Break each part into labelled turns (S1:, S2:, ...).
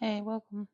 S1: Hey, welcome.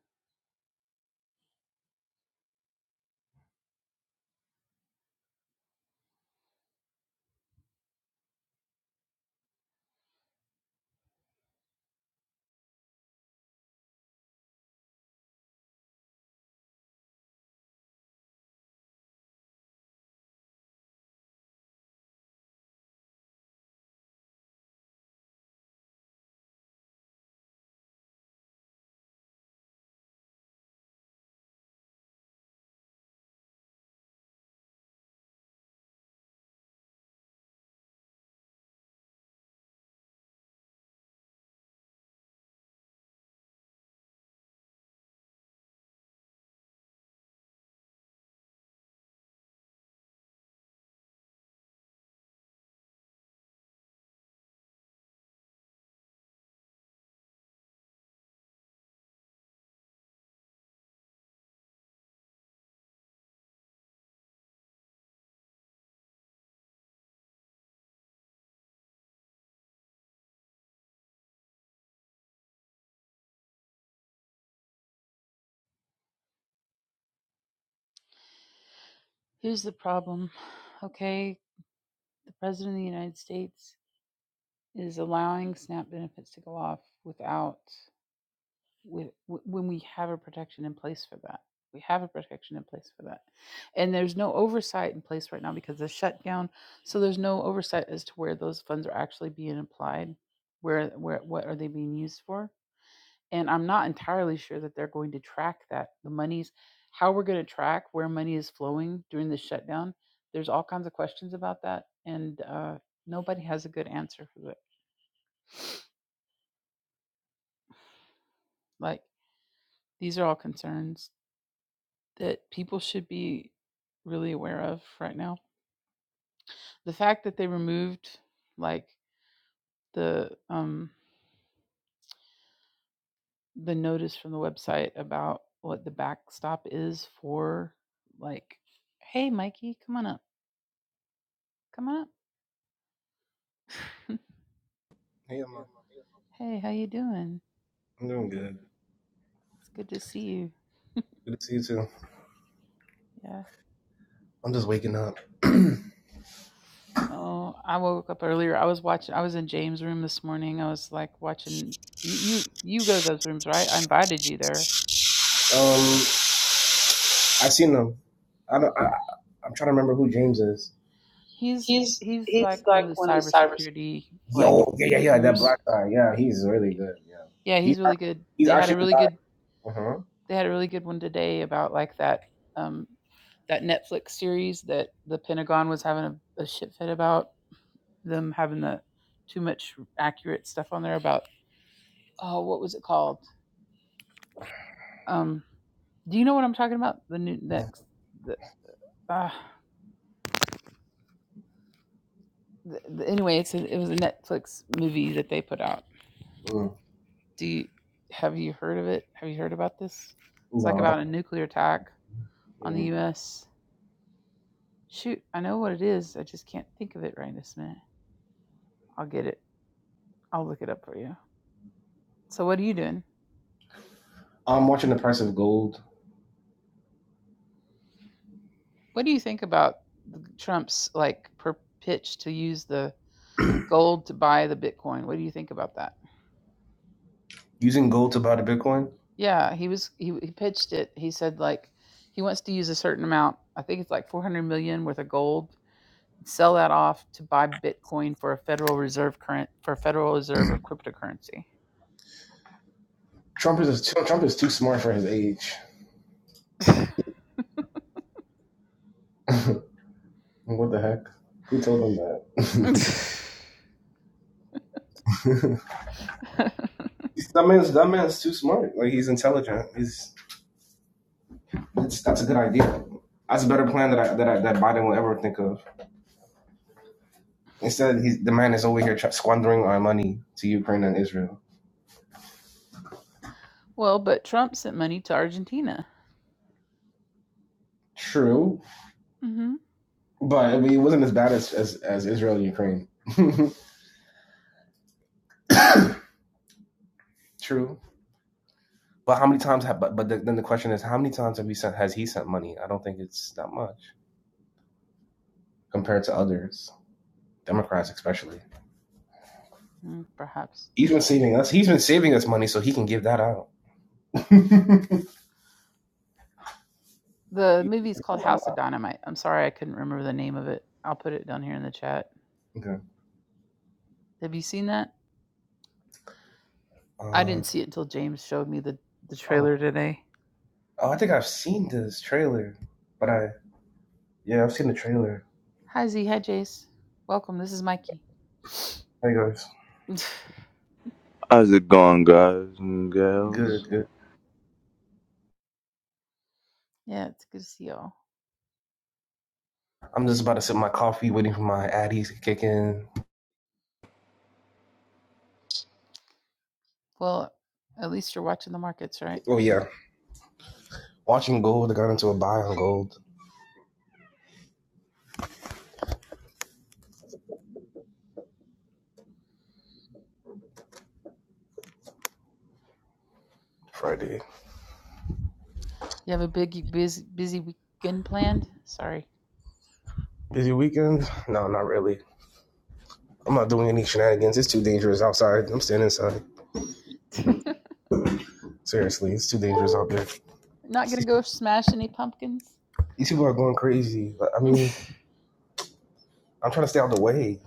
S1: Here's the problem. Okay, the President of the United States is allowing SNAP benefits to go off without, with, w- when we have a protection in place for that. We have a protection in place for that. And there's no oversight in place right now because of the shutdown. So there's no oversight as to where those funds are actually being applied. Where, where, what are they being used for? and I'm not entirely sure that they're going to track that the money's how we're going to track where money is flowing during the shutdown. There's all kinds of questions about that, and uh, nobody has a good answer for it. Like these are all concerns that people should be really aware of right now. The fact that they removed like the um, the notice from the website about what the backstop is for, like, hey Mikey, come on up, come on up.
S2: Hey, Emma.
S1: Hey, how you doing?
S2: I'm doing good.
S1: It's good to see you.
S2: Good to see you too.
S1: Yeah.
S2: I'm just waking up. um,
S1: Oh, I woke up earlier. I was watching. I was in James' room this morning. I was like watching. You you, you go to those rooms, right? I invited you there.
S2: I seen them. I don't. I, I'm trying to remember who James is.
S1: He's he's like one of the cybersecurity like
S2: Yo, yeah, yeah, yeah. That
S1: gurus.
S2: black guy. Yeah, he's really good. Yeah,
S1: Yeah,
S2: he,
S1: he's really good.
S2: he's
S1: They had
S2: actually
S1: a
S2: the
S1: really good.
S2: guy. Uh huh.
S1: They had a really good one today about like that um that Netflix series that the Pentagon was having a, a shit fit about them having the too much accurate stuff on there about oh what was it called Um, do you know what I'm talking about? The new next, the, uh, the, the, anyway, it's a, it was a Netflix movie that they put out.
S2: Mm.
S1: Do you have you heard of it? Have you heard about this? It's like
S2: No, I don't.
S1: about a nuclear attack on the
S2: Mm.
S1: U.S. Shoot, I know what it is. I just can't think of it right this minute. I'll get it. I'll look it up for you. So, what are you doing?
S2: I'm watching the price of gold.
S1: What do you think about Trump's like per pitch to use the gold to buy the Bitcoin? What do you think about that?
S2: Using gold to buy the Bitcoin.
S1: Yeah, he was he, he pitched it. He said like he wants to use a certain amount. I think it's like 400 million worth of gold. Sell that off to buy Bitcoin for a Federal Reserve current for a Federal Reserve of cryptocurrency.
S2: Trump is too, Trump is too smart for his age. what the heck? Who told him that? that man's that man's too smart. Like he's intelligent. He's That's that's a good idea. That's a better plan that I, that I, that Biden will ever think of. Instead, he's, the man is over here tr- squandering our money to Ukraine and Israel.
S1: well, but Trump sent money to Argentina.
S2: True,
S1: hmm
S2: but I mean, it wasn't as bad as as, as Israel and Ukraine. True, but how many times have? But, but the, then the question is, how many times have he sent? Has he sent money? I don't think it's that much compared to others, Democrats especially.
S1: perhaps
S2: He's been saving us. He's been saving us money so he can give that out.
S1: the
S2: He-
S1: movie's called
S2: That's a
S1: House of
S2: lot.
S1: Dynamite. I'm sorry I couldn't remember the name of it. I'll put it down here in the chat.
S2: Okay.
S1: Have you seen that? I
S2: Uh, I
S1: didn't see it until James showed me the the
S2: don't
S1: trailer today.
S2: Oh, I think I've seen this trailer, but I yeah, I've seen the trailer.
S1: Hi Z, hi Jace. Welcome. This is Mikey.
S2: Hey guys,
S1: yeah,
S3: How's it going, guys and gals?
S2: good, good.
S1: it's good to see y'all.
S2: I'm just about to sip my coffee, waiting for my addies to kick in.
S1: Well, at least you're watching the markets, right?
S2: Oh yeah, watching gold. I got into a buy on gold Friday.
S1: You have a big busy busy weekend planned? Sorry.
S2: Busy weekend? No, not really. I'm not doing any shenanigans. It's too dangerous outside. I'm staying inside.
S1: Not
S2: Seriously, it's too dangerous out there.
S1: gonna go smash any pumpkins?
S2: These
S1: Come
S2: people are
S1: on.
S2: going crazy. Like, I mean, I'm trying to stay out of the way.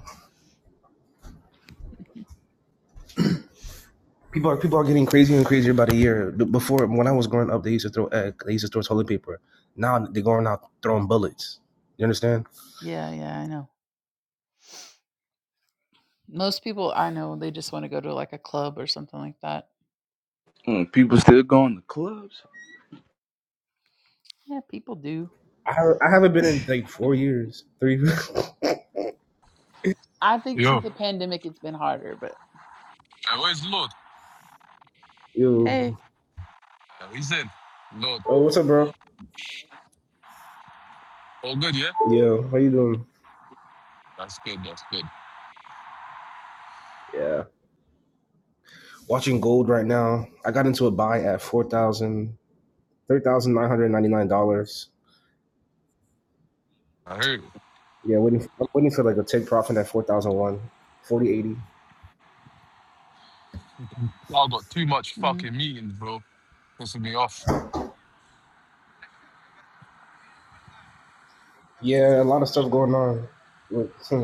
S2: People are people are getting crazier and crazier by the year. B- Before, when I was growing up, they used to throw egg, they used to throw toilet paper. Now they're going out throwing bullets. You understand?
S1: Yeah, yeah, I know. Most people I know they just want to go to like a club or something like that.
S3: Mm, people still going to clubs?
S1: Yeah, people do.
S2: I I haven't been in like four years, three.
S1: I think
S4: Yo,
S1: since
S4: uh,
S1: the Yeah. pandemic it's been harder, but
S4: where's Lord?
S2: Yo,
S1: hey.
S4: Uh, He's in. Lord,
S2: oh, what's up, bro?
S4: all good, yeah?
S2: Yo, how you doing?
S4: That's good, that's good.
S2: Yeah, watching gold right now. I got into a buy at four thousand, three thousand nine hundred ninety nine dollars.
S4: I heard it.
S2: Yeah, waiting. I'm waiting for like a take profit at four thousand one, forty eighty.
S4: I got too much
S1: Mm.
S4: fucking meetings, bro. Pissing me off.
S2: Yeah, a lot of stuff going on. Like, hmm.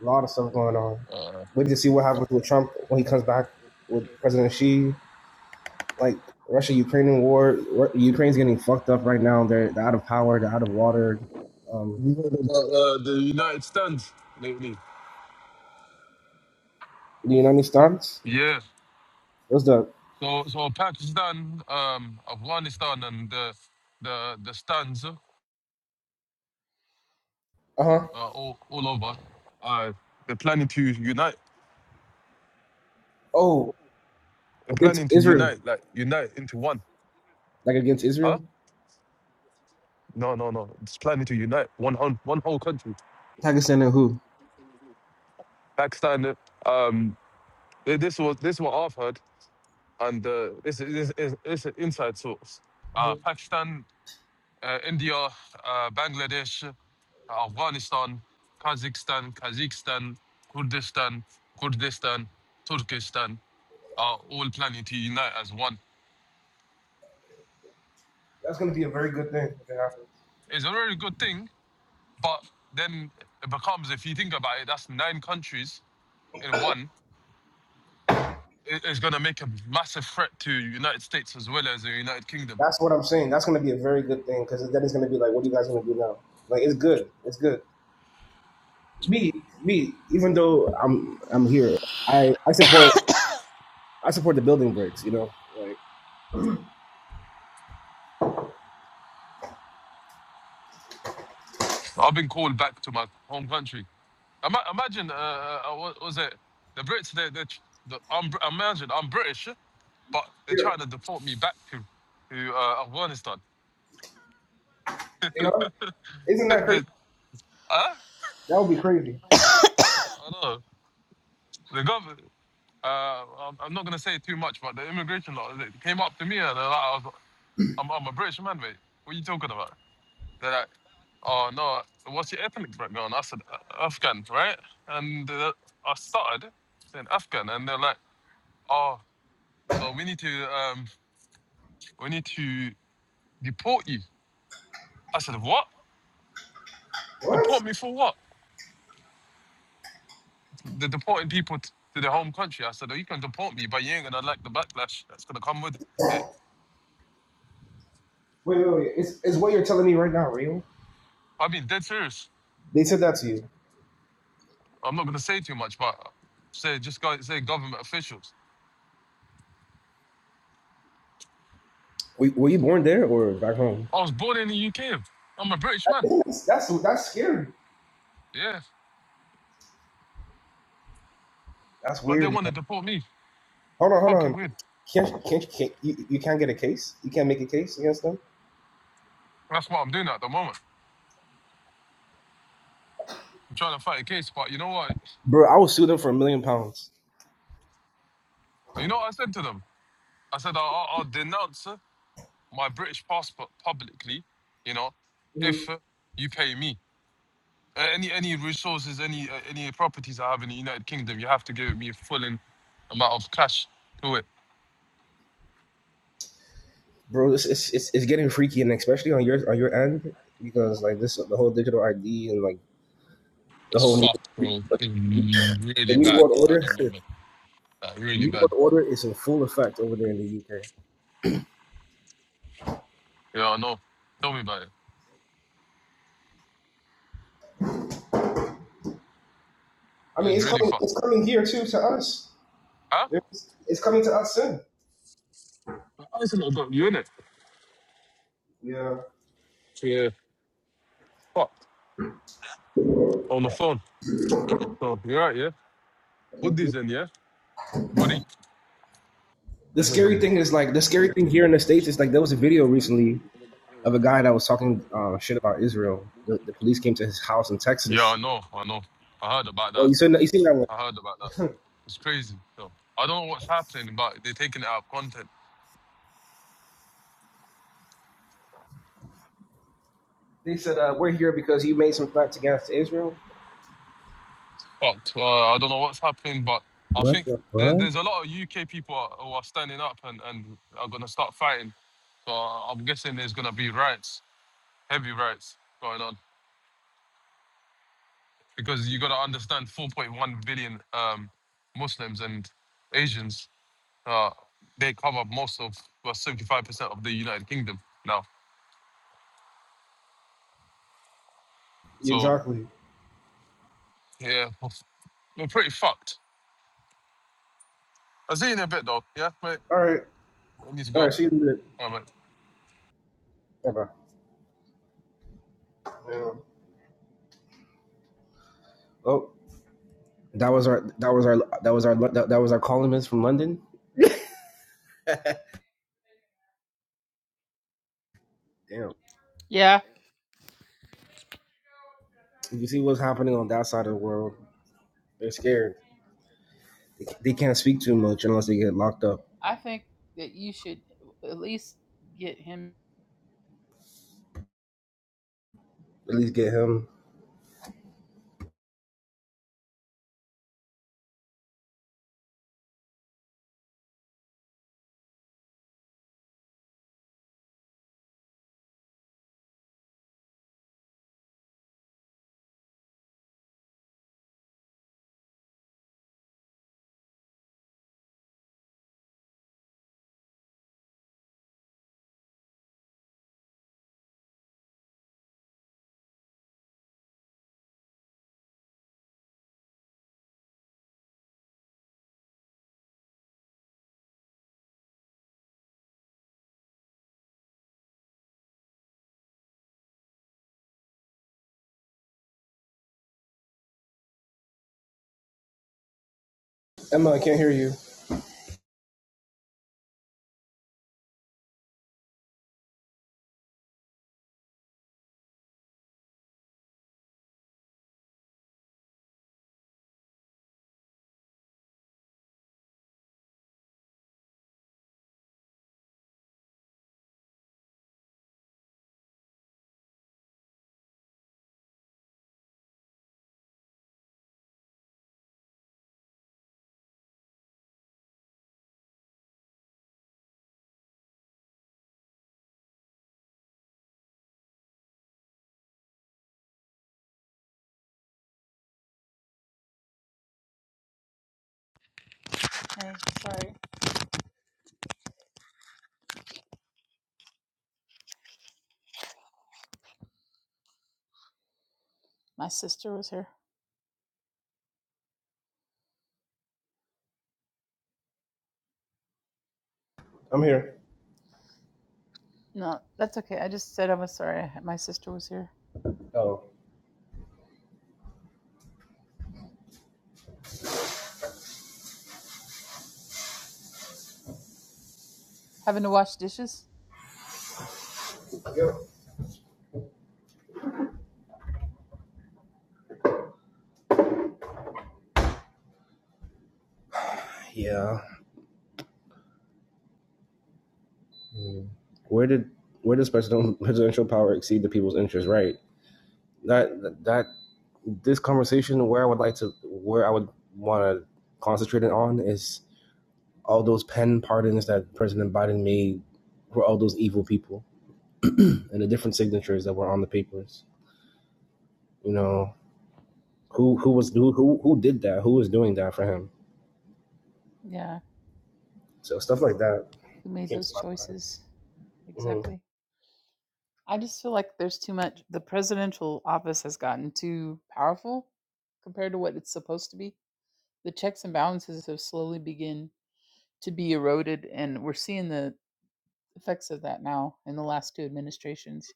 S2: A lot of stuff going on.
S4: Uh,
S2: Wait to see what happens with Trump when he comes back with President Xi. Like Russia Ukrainian war, Ukraine's getting fucked up right now. They're, they're out of power. They're out of water. Um,
S4: you heard about uh, the United stands lately?
S2: do you know any stunts?
S4: Yeah.
S2: What's the
S4: So, so Pakistan, um, Afghanistan, and the the the stands uh,
S2: uh huh?
S4: all all over. Uh, they're planning to unite.
S2: Oh,
S4: They're
S2: against
S4: planning to
S2: Israel,
S4: unite, like unite into one.
S2: like against
S4: Huh?
S2: Israel,
S4: No, no, no. It's planning to unite one whole, one whole country.
S2: Pakistan and who?
S4: Pakistan, uh, um, Th- This was this is what I've heard, and uh, this is this is an inside source. Uh,
S2: hmm
S4: Pakistan, uh, India, uh, Bangladesh, Afghanistan, Kazakhstan, Kazakhstan, Kurdistan, Kurdistan, Turkestan are all planning to unite as one.
S2: That's gonna be a very good thing if it happens.
S4: It's a very good thing, but then it becomes, if you think about it, that's nine countries in one. It- It's going to make a massive threat to United States as well as the United Kingdom.
S2: That's what I'm saying. That's gonna be a very good thing because then it's gonna be like, what are you guys gonna do now? Like it's good. It's good. me me even though i'm i'm here i i support i support the building breaks you know like
S4: I've been called back to my home country Ima- Imagine, uh, uh, uh, what was it? The Brits, they, they, the, I'm, Br- imagine, I'm British, but they're
S2: yeah
S4: trying to deport me back to, to uh, Afghanistan.
S2: you know isn't that
S4: they,
S2: crazy
S4: huh?
S2: that would be crazy
S4: I don't know. The government, uh, I'm I'm not going to say too much, but the immigration law, they came up to me and they're like, I was, I'm, I'm a British man, mate. What are you talking about? They're like, oh, no, what's your ethnic background? I said, "Uh, Afghan, right? And uh, I started saying Afghan, and they're like, oh, so we need to, um, we need to deport you. I said, what?
S2: what
S4: Deport me for what? They're deporting people t- to their home country. I said, oh, you can deport me, but you ain't gonna like the backlash that's gonna come with it.
S2: wait wait wait is, is what you're telling me right now real
S4: I mean, dead serious.
S2: they said that to you
S4: I'm not gonna say too much, but say just go say government officials.
S2: were, were you born there or back home
S4: I was born in the UK. I'm a British man.
S2: that's that's, that's scary
S4: Yeah,
S2: that's
S4: but they
S2: weird man.
S4: want to deport me.
S2: hold on hold
S4: Fucking
S2: on
S4: weird.
S2: can't, can't, can't you, you can't get a case you can't make a case against them
S4: That's what I'm doing at the moment. I'm trying to fight a case, but you know what?
S2: bro i will sue them for a million pounds
S4: You know what I said to them? I said I'll, I'll I'll denounce uh, my British passport publicly. You know,
S2: Mm-hmm.
S4: if uh, you pay me. Uh, any any resources, any uh, any properties I have in the United Kingdom, you have to give me a full in amount of cash to it.
S2: bro, it's, it's it's getting freaky, and especially on your on your end because like this the whole digital ID and like the
S4: It's
S2: whole new,
S4: fucked, bro. It's
S2: the
S4: really
S2: new
S4: bad
S2: world
S4: at
S2: order
S4: the moment. Like,
S2: the
S4: really
S2: new
S4: bad.
S2: world order is in full effect over there in the UK.
S4: Yeah, I know. Tell me about it.
S2: I mean,
S4: It's
S2: it's
S4: really
S2: coming
S4: fucked.
S2: it's coming here too to us.
S4: Huh?
S2: It's, it's coming to us soon.
S4: I said I got you in it.
S2: Yeah.
S4: Yeah. Fucked. On the phone. So you're right, yeah? Put
S2: Mhm.
S4: these in, yeah? Woody. One
S2: The
S4: second,
S2: scary
S4: bro.
S2: thing is like the scary thing here in the states is like there was a video recently of a guy that was talking uh, shit about Israel. The, the police came to his house in
S4: Yeah, I
S2: Texas.
S4: know, I know. I heard about
S2: Oh,
S4: that.
S2: you seen that? You seen that one?
S4: I heard about that. It's crazy. So I don't know what's happening, but they're taking it out of context.
S2: They said uh, we're here because you made some threats against Israel.
S4: fucked. Uh, I don't know what's happening, but I
S2: What
S4: think
S2: the
S4: there,
S2: fuck?
S4: there's a lot of UK people are, who are standing up and, and are going to start fighting. So I- I'm guessing there's going to be riots, heavy riots going on because you got to understand 4.1 billion um, Muslims and Asians. Uh, they cover most of well, 75% of the United Kingdom now. So
S2: Exactly.
S4: yeah, we're pretty fucked. I'll see you in a bit though. Yeah, mate.
S2: All right.
S4: I need to go.
S2: All
S4: All
S2: right. See you in a bit.
S4: right, mate.
S2: Bye bye. Yeah. Oh, that was our that was our that was our that, that was our columnist from London. Damn.
S1: Yeah.
S2: You see what's happening on that side of the world. They're scared. They, they can't speak too much unless they get locked up.
S1: I think that you should at least get him
S2: At least get him. Emma, I can't hear you.
S1: Hey, sorry. My sister was here.
S2: I'm here.
S1: No, that's okay. I just said I was sorry. I My sister was here.
S2: Oh.
S1: Having to wash dishes?
S2: Yep. Yeah. Hmm. Where did where does presidential power exceed the people's interest? Right. That that this conversation where I would like to where I would want to concentrate it on is all those pen pardons that President Biden made were all those evil people and the different signatures that were on the papers. You know, who who was who who, who did that? Who was doing that for him?
S1: Yeah.
S2: So stuff like that
S1: Who made
S2: came to
S1: those
S2: my mind.
S1: choices?
S2: Mm-hmm.
S1: Exactly. I just feel like there's too much. The presidential office has gotten too powerful compared to what it's supposed to be. The checks and balances have slowly begin to be eroded, and we're seeing the effects of that now in the last two administrations.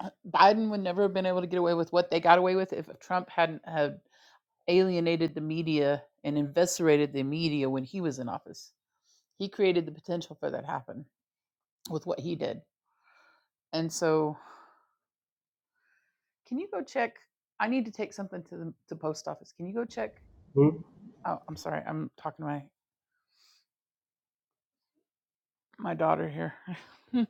S1: Uh, Biden would never have been able to get away with what they got away with if Trump hadn't had alienated the media and eviscerated the media when he was in office. He created the potential for that happen with what he did. And so, can you go check? I need to take something to the to post office. Can you go check?
S2: Mm-hmm.
S1: Oh, I'm sorry. I'm talking to my my daughter here.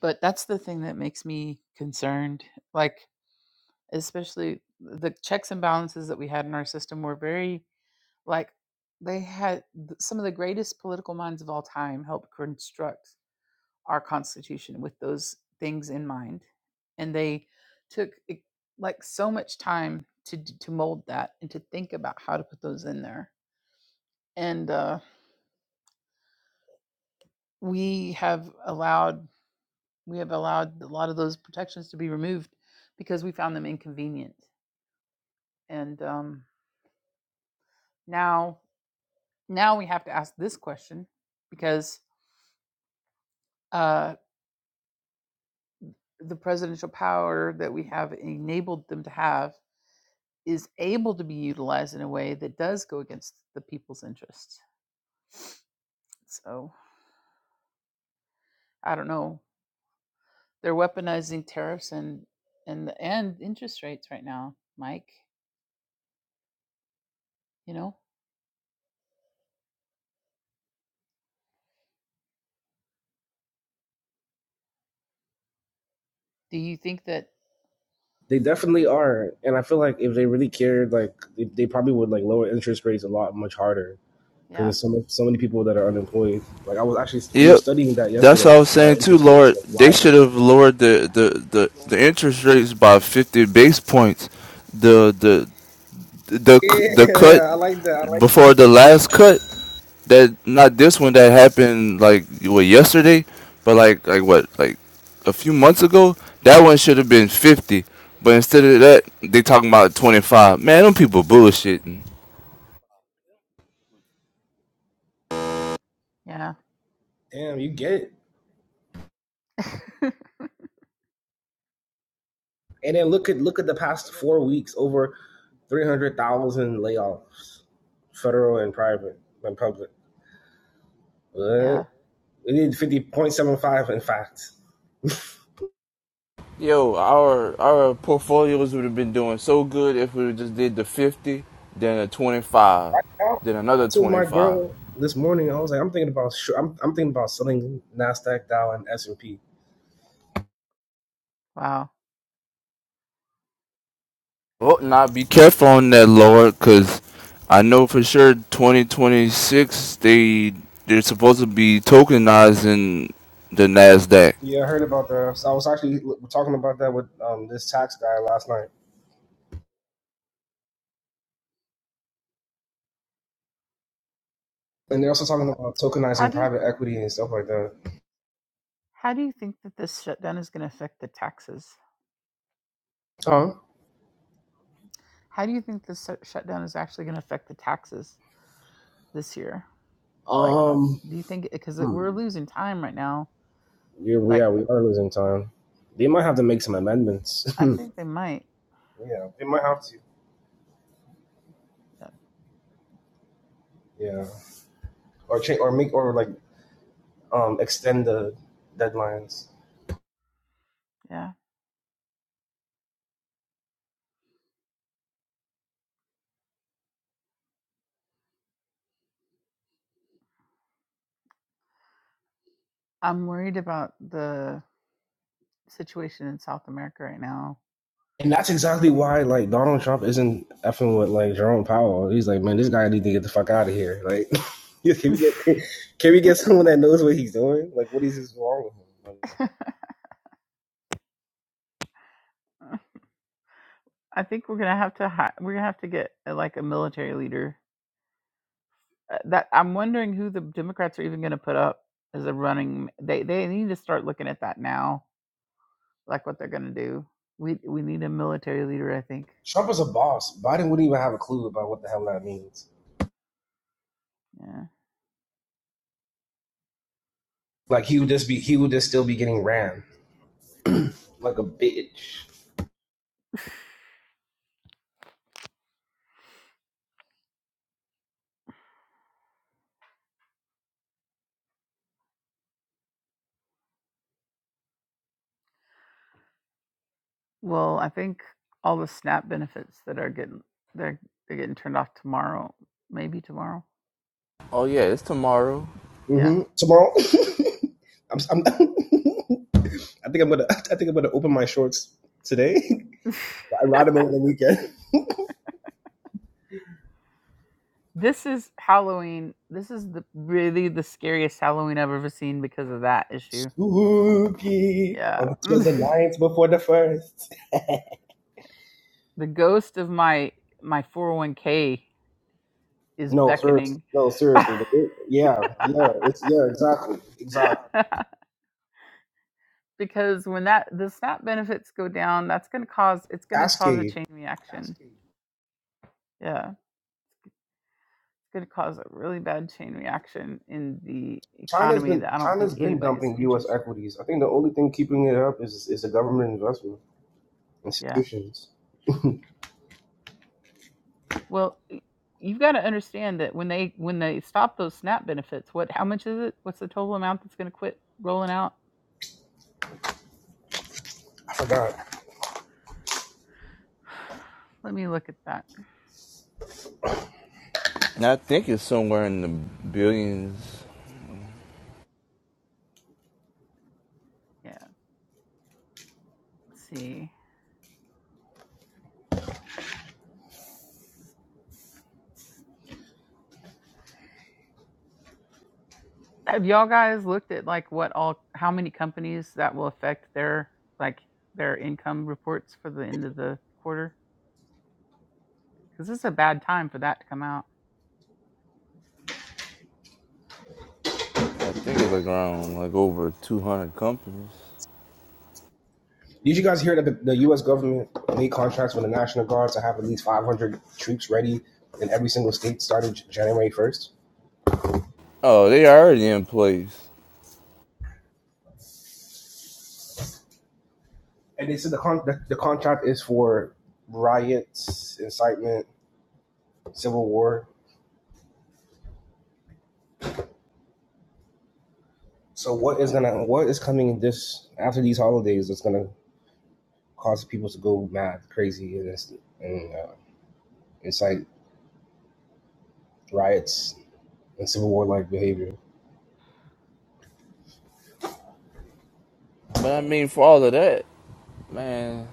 S1: but that's the thing that makes me concerned. Like especially the checks and balances that we had in our system were very like they had some of the greatest political minds of all time helped construct our Constitution with those things in mind. And they took eh, like so much time to to mold that and to think about how to put those in there. And uh, we have allowed we have allowed a lot of those protections to be removed because we found them inconvenient. And um, now now we have to ask this question because uh, the presidential power that we have enabled them to have is able to be utilized in a way that does go against the people's interests. So I don't know. They're weaponizing tariffs and and and interest rates right now, Mike. You know, do you think that?
S2: They definitely are, and I feel like if they really cared, like they, they probably would like lower interest rates a lot much harder because
S1: Yeah,
S2: there's so much, so many people that are unemployed. Like I was actually we were
S3: Yep,
S2: studying that
S3: that's what I
S2: yesterday
S3: was
S2: about
S3: saying too,
S2: interest rates,
S3: Lord.
S2: like
S3: They
S2: why?
S3: should have lowered the, the, the, the interest rates by 50 base points. The the the c- the cut
S2: Yeah, I like that. I like.
S3: before the last cut that not this one that happened like what yesterday, but like like what like a few months ago. That one should have been 50, but instead of that, they talking about 25. Man, them people bullshitting.
S1: yeah,
S2: Damn, you get it.
S1: yeah,
S2: And then look at look at the past four weeks, over three hundred thousand layoffs, federal and private and public.
S1: yeah.
S2: What? We did fifty point seven five. In fact,
S3: Yo, our our portfolios would have been doing so good if we just did the fifty, then a twenty five,
S2: I,
S3: then another
S2: told
S3: twenty
S2: my
S3: five.
S2: girl this morning. I was like, I'm thinking about I'm I'm thinking about selling Nasdaq, Dow, and S and P.
S1: Wow.
S3: Oh, now be careful on that, Lord, because I know for sure twenty twenty six they they're supposed to be tokenizing the Nasdaq.
S2: Yeah, I heard about that. So I was actually talking about that with um, this tax guy last night, and they're also talking about
S1: How
S2: tokenizing
S1: do you
S2: private equity and stuff like that.
S1: how do you think that this shutdown is going to affect the taxes?
S2: Huh?
S1: How do you think this shutdown is actually going to affect the taxes this year? Like,
S2: Um.
S1: do you think because
S2: Hmm.
S1: we're losing time right now?
S2: you we
S1: Like,
S2: are we are losing time. They might have to make some amendments.
S1: I think they might.
S2: Yeah, they might have to.
S1: uh,
S2: Yeah, or change, or make, or like um extend the deadlines.
S1: Yeah. I'm worried about the situation in South America right now.
S2: and that's exactly why like Donald Trump isn't effing with like Jerome Powell. He's like, man, this guy needs to get the fuck out of here. Like, can we get can we get someone that knows what he's doing? Like, what is this wrong with him? Like,
S1: I think we're gonna have to hi- we're gonna have to get uh, like a military leader. Uh, That I'm wondering who the Democrats are even gonna put up as a running. They they need to start looking at that now, like what they're gonna do. We we need a military leader. I think.
S2: Trump is a boss. Biden wouldn't even have a clue about what the hell that means.
S1: Yeah.
S2: Like, he would just be he would just still be getting ran like a bitch.
S1: Well, I think all the SNAP benefits that are getting they're they're getting turned off tomorrow, maybe tomorrow.
S3: Oh
S1: I
S3: yeah,
S1: think.
S3: it's tomorrow.
S2: hmm Tomorrow, I'm, I'm, I think I'm gonna. I think I'm gonna open my shorts today.
S1: yeah.
S2: I ride them over the weekend.
S1: This is Halloween. This is the really the scariest Halloween I've ever seen because of that issue.
S2: Spooky
S1: Yeah.
S2: on it was the ninth before the first.
S1: the ghost of my my 401k is
S2: No, seriously.
S1: beckoning.
S2: No, seriously. The, yeah, yeah. It's yeah, exactly, exactly.
S1: because when that the SNAP benefits go down, that's going to cause it's going to cause a
S2: Cascade.
S1: chain reaction. Yeah. It's going to cause a really bad chain reaction in the
S2: China's
S1: economy
S2: been
S1: that I don't think
S2: China's been
S1: anybody's
S2: dumping U.S.
S1: interested. in.
S2: equities. I think the only thing keeping it up is is the government investment
S1: Yeah.
S2: institutions.
S1: Well, y- you've got to understand that when they when they stop those SNAP benefits, what how much is it? What's the total amount that's going to quit rolling out?
S2: I forgot.
S1: Let me look at that.
S3: And I think it's somewhere in the billions.
S1: Yeah, let's see. Have y'all guys looked at like what all how many companies that will affect their like their income reports for the end of the quarter? Because this is a bad time for that to come out.
S3: I think it's like around like over two hundred companies.
S2: Did you guys hear that the, the U.S. government made contracts with the National Guards to have at least 500 troops ready in every single state starting January 1st?
S3: Oh, they already in place.
S2: And they said the, con- the, the contract is for riots, incitement, civil war. So what is gonna what is coming this after these holidays that's gonna cause people to go mad, crazy, and, and uh, incite riots and civil war like behavior?
S3: But I mean, for all of that, man,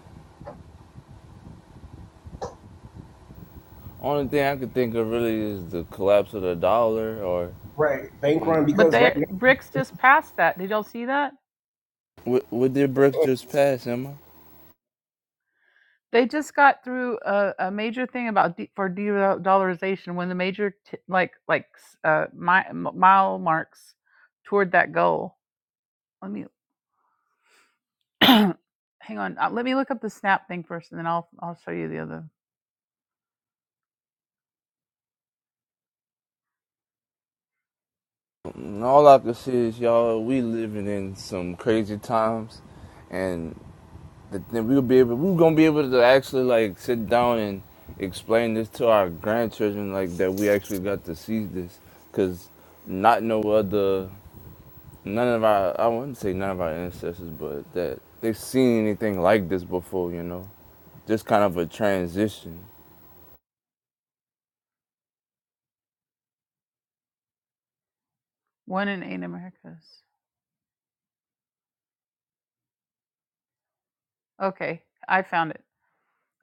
S3: only thing I could think of really is the collapse of the dollar, or
S2: Right, bank
S3: and
S2: run
S1: But
S2: because
S1: they
S2: right now.
S1: BRICS just passed that. Did y'all see that?
S3: what, what did Brooks just pass, Emma?
S1: they just got through a, a major thing about de- for de-dollarization when the major t- like like uh mi- m- mile marks toward that goal let me hang on uh, let me look up the snap thing first and then i'll i'll show you the other
S3: And all I could see is y'all, we living in some crazy times, and the, then we'll be able, we're gonna be able to actually like sit down and explain this to our grandchildren, like that we actually got to see this, cause not no other. none of our I wouldn't say none of our ancestors, but that they've seen anything like this before, you know. Just kind of a transition.
S1: one in eight americas okay i found it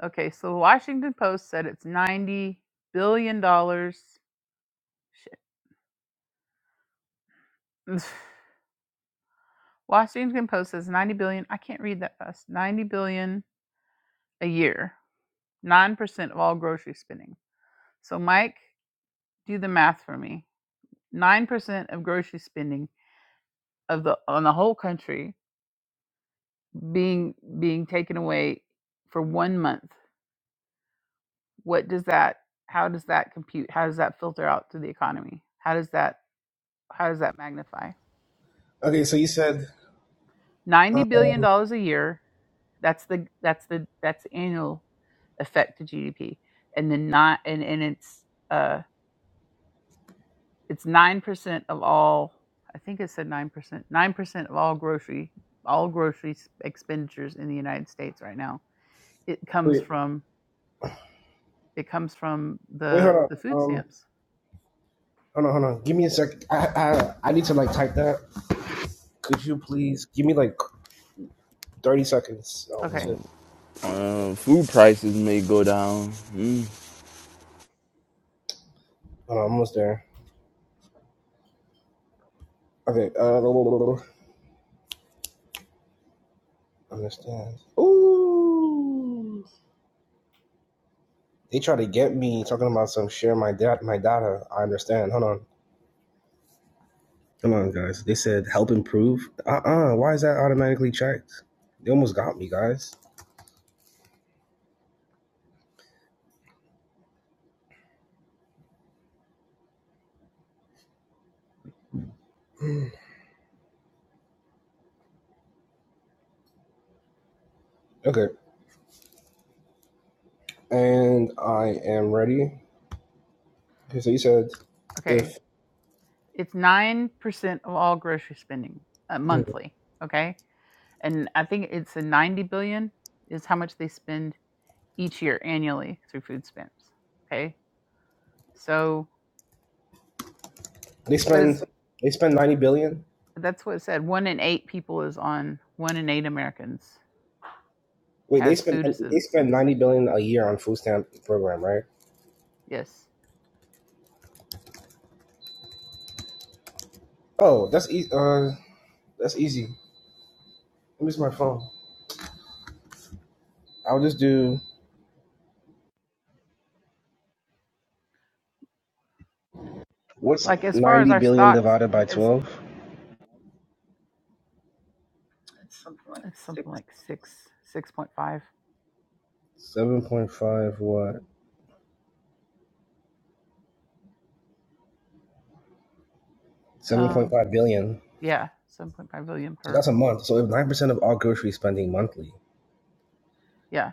S1: okay so the washington post said it's 90 billion dollars shit washington post says 90 billion i can't read that fast 90 billion a year 9% of all grocery spending So Mike, do the math for me. Nine percent of grocery spending of the on the whole country being being taken away for one month. What does that how does that compute? How does that filter out to the economy? How does that how does that magnify?
S2: Okay, so you said
S1: Ninety
S2: uh,
S1: billion dollars a year. That's the that's the that's the annual effect to GDP. And then not and, and it's uh it's nine percent of all. I think it said nine percent. Nine percent of all grocery all grocery expenditures in the United States right now. It comes
S2: wait,
S1: from it comes from
S2: wait, hold
S1: the
S2: on.
S1: the food
S2: Um,
S1: stamps.
S2: Hold on, hold on. Give me a sec. I, I I need to like type that. Could you please give me like thirty seconds? Oh
S1: Okay,
S2: shit.
S3: Uh, food prices may go down. Mm.
S2: Hold on, I'm almost there. Okay. Uh, understand. Ooh, they try to get me talking about some share my data. My data. I understand. Hold on. Hold on, guys. They said help improve. Uh uh Why is that automatically checked? They almost got me, guys. Okay. And I am ready. Okay. So you said
S1: okay.
S2: if
S1: It's nine percent of all grocery spending uh,
S2: hmm,
S1: monthly. Okay, and I think it's a ninety billion is how much they spend each year annually through food stamps. Okay, so
S2: they
S1: what is
S2: spend they spend ninety billion.
S1: that's what it said. One in eight people is on one in eight Americans
S2: Wait, they
S1: has
S2: spend
S1: food
S2: they spend
S1: assistance.
S2: ninety billion a year on food stamp program, right?
S1: Yes.
S2: Oh, that's easy. Uh, that's easy. Let me see my phone. I'll just do what's
S1: Like as far as
S2: ninety
S1: our
S2: billion
S1: stocks,
S2: divided by
S1: it's
S2: twelve?
S1: it's something like six six point five.
S2: Seven point five what? Seven point
S1: Um,
S2: five billion.
S1: yeah, seven point five billion
S2: So that's
S1: per.
S2: a month. So if nine percent of all grocery spending monthly,
S1: Yeah.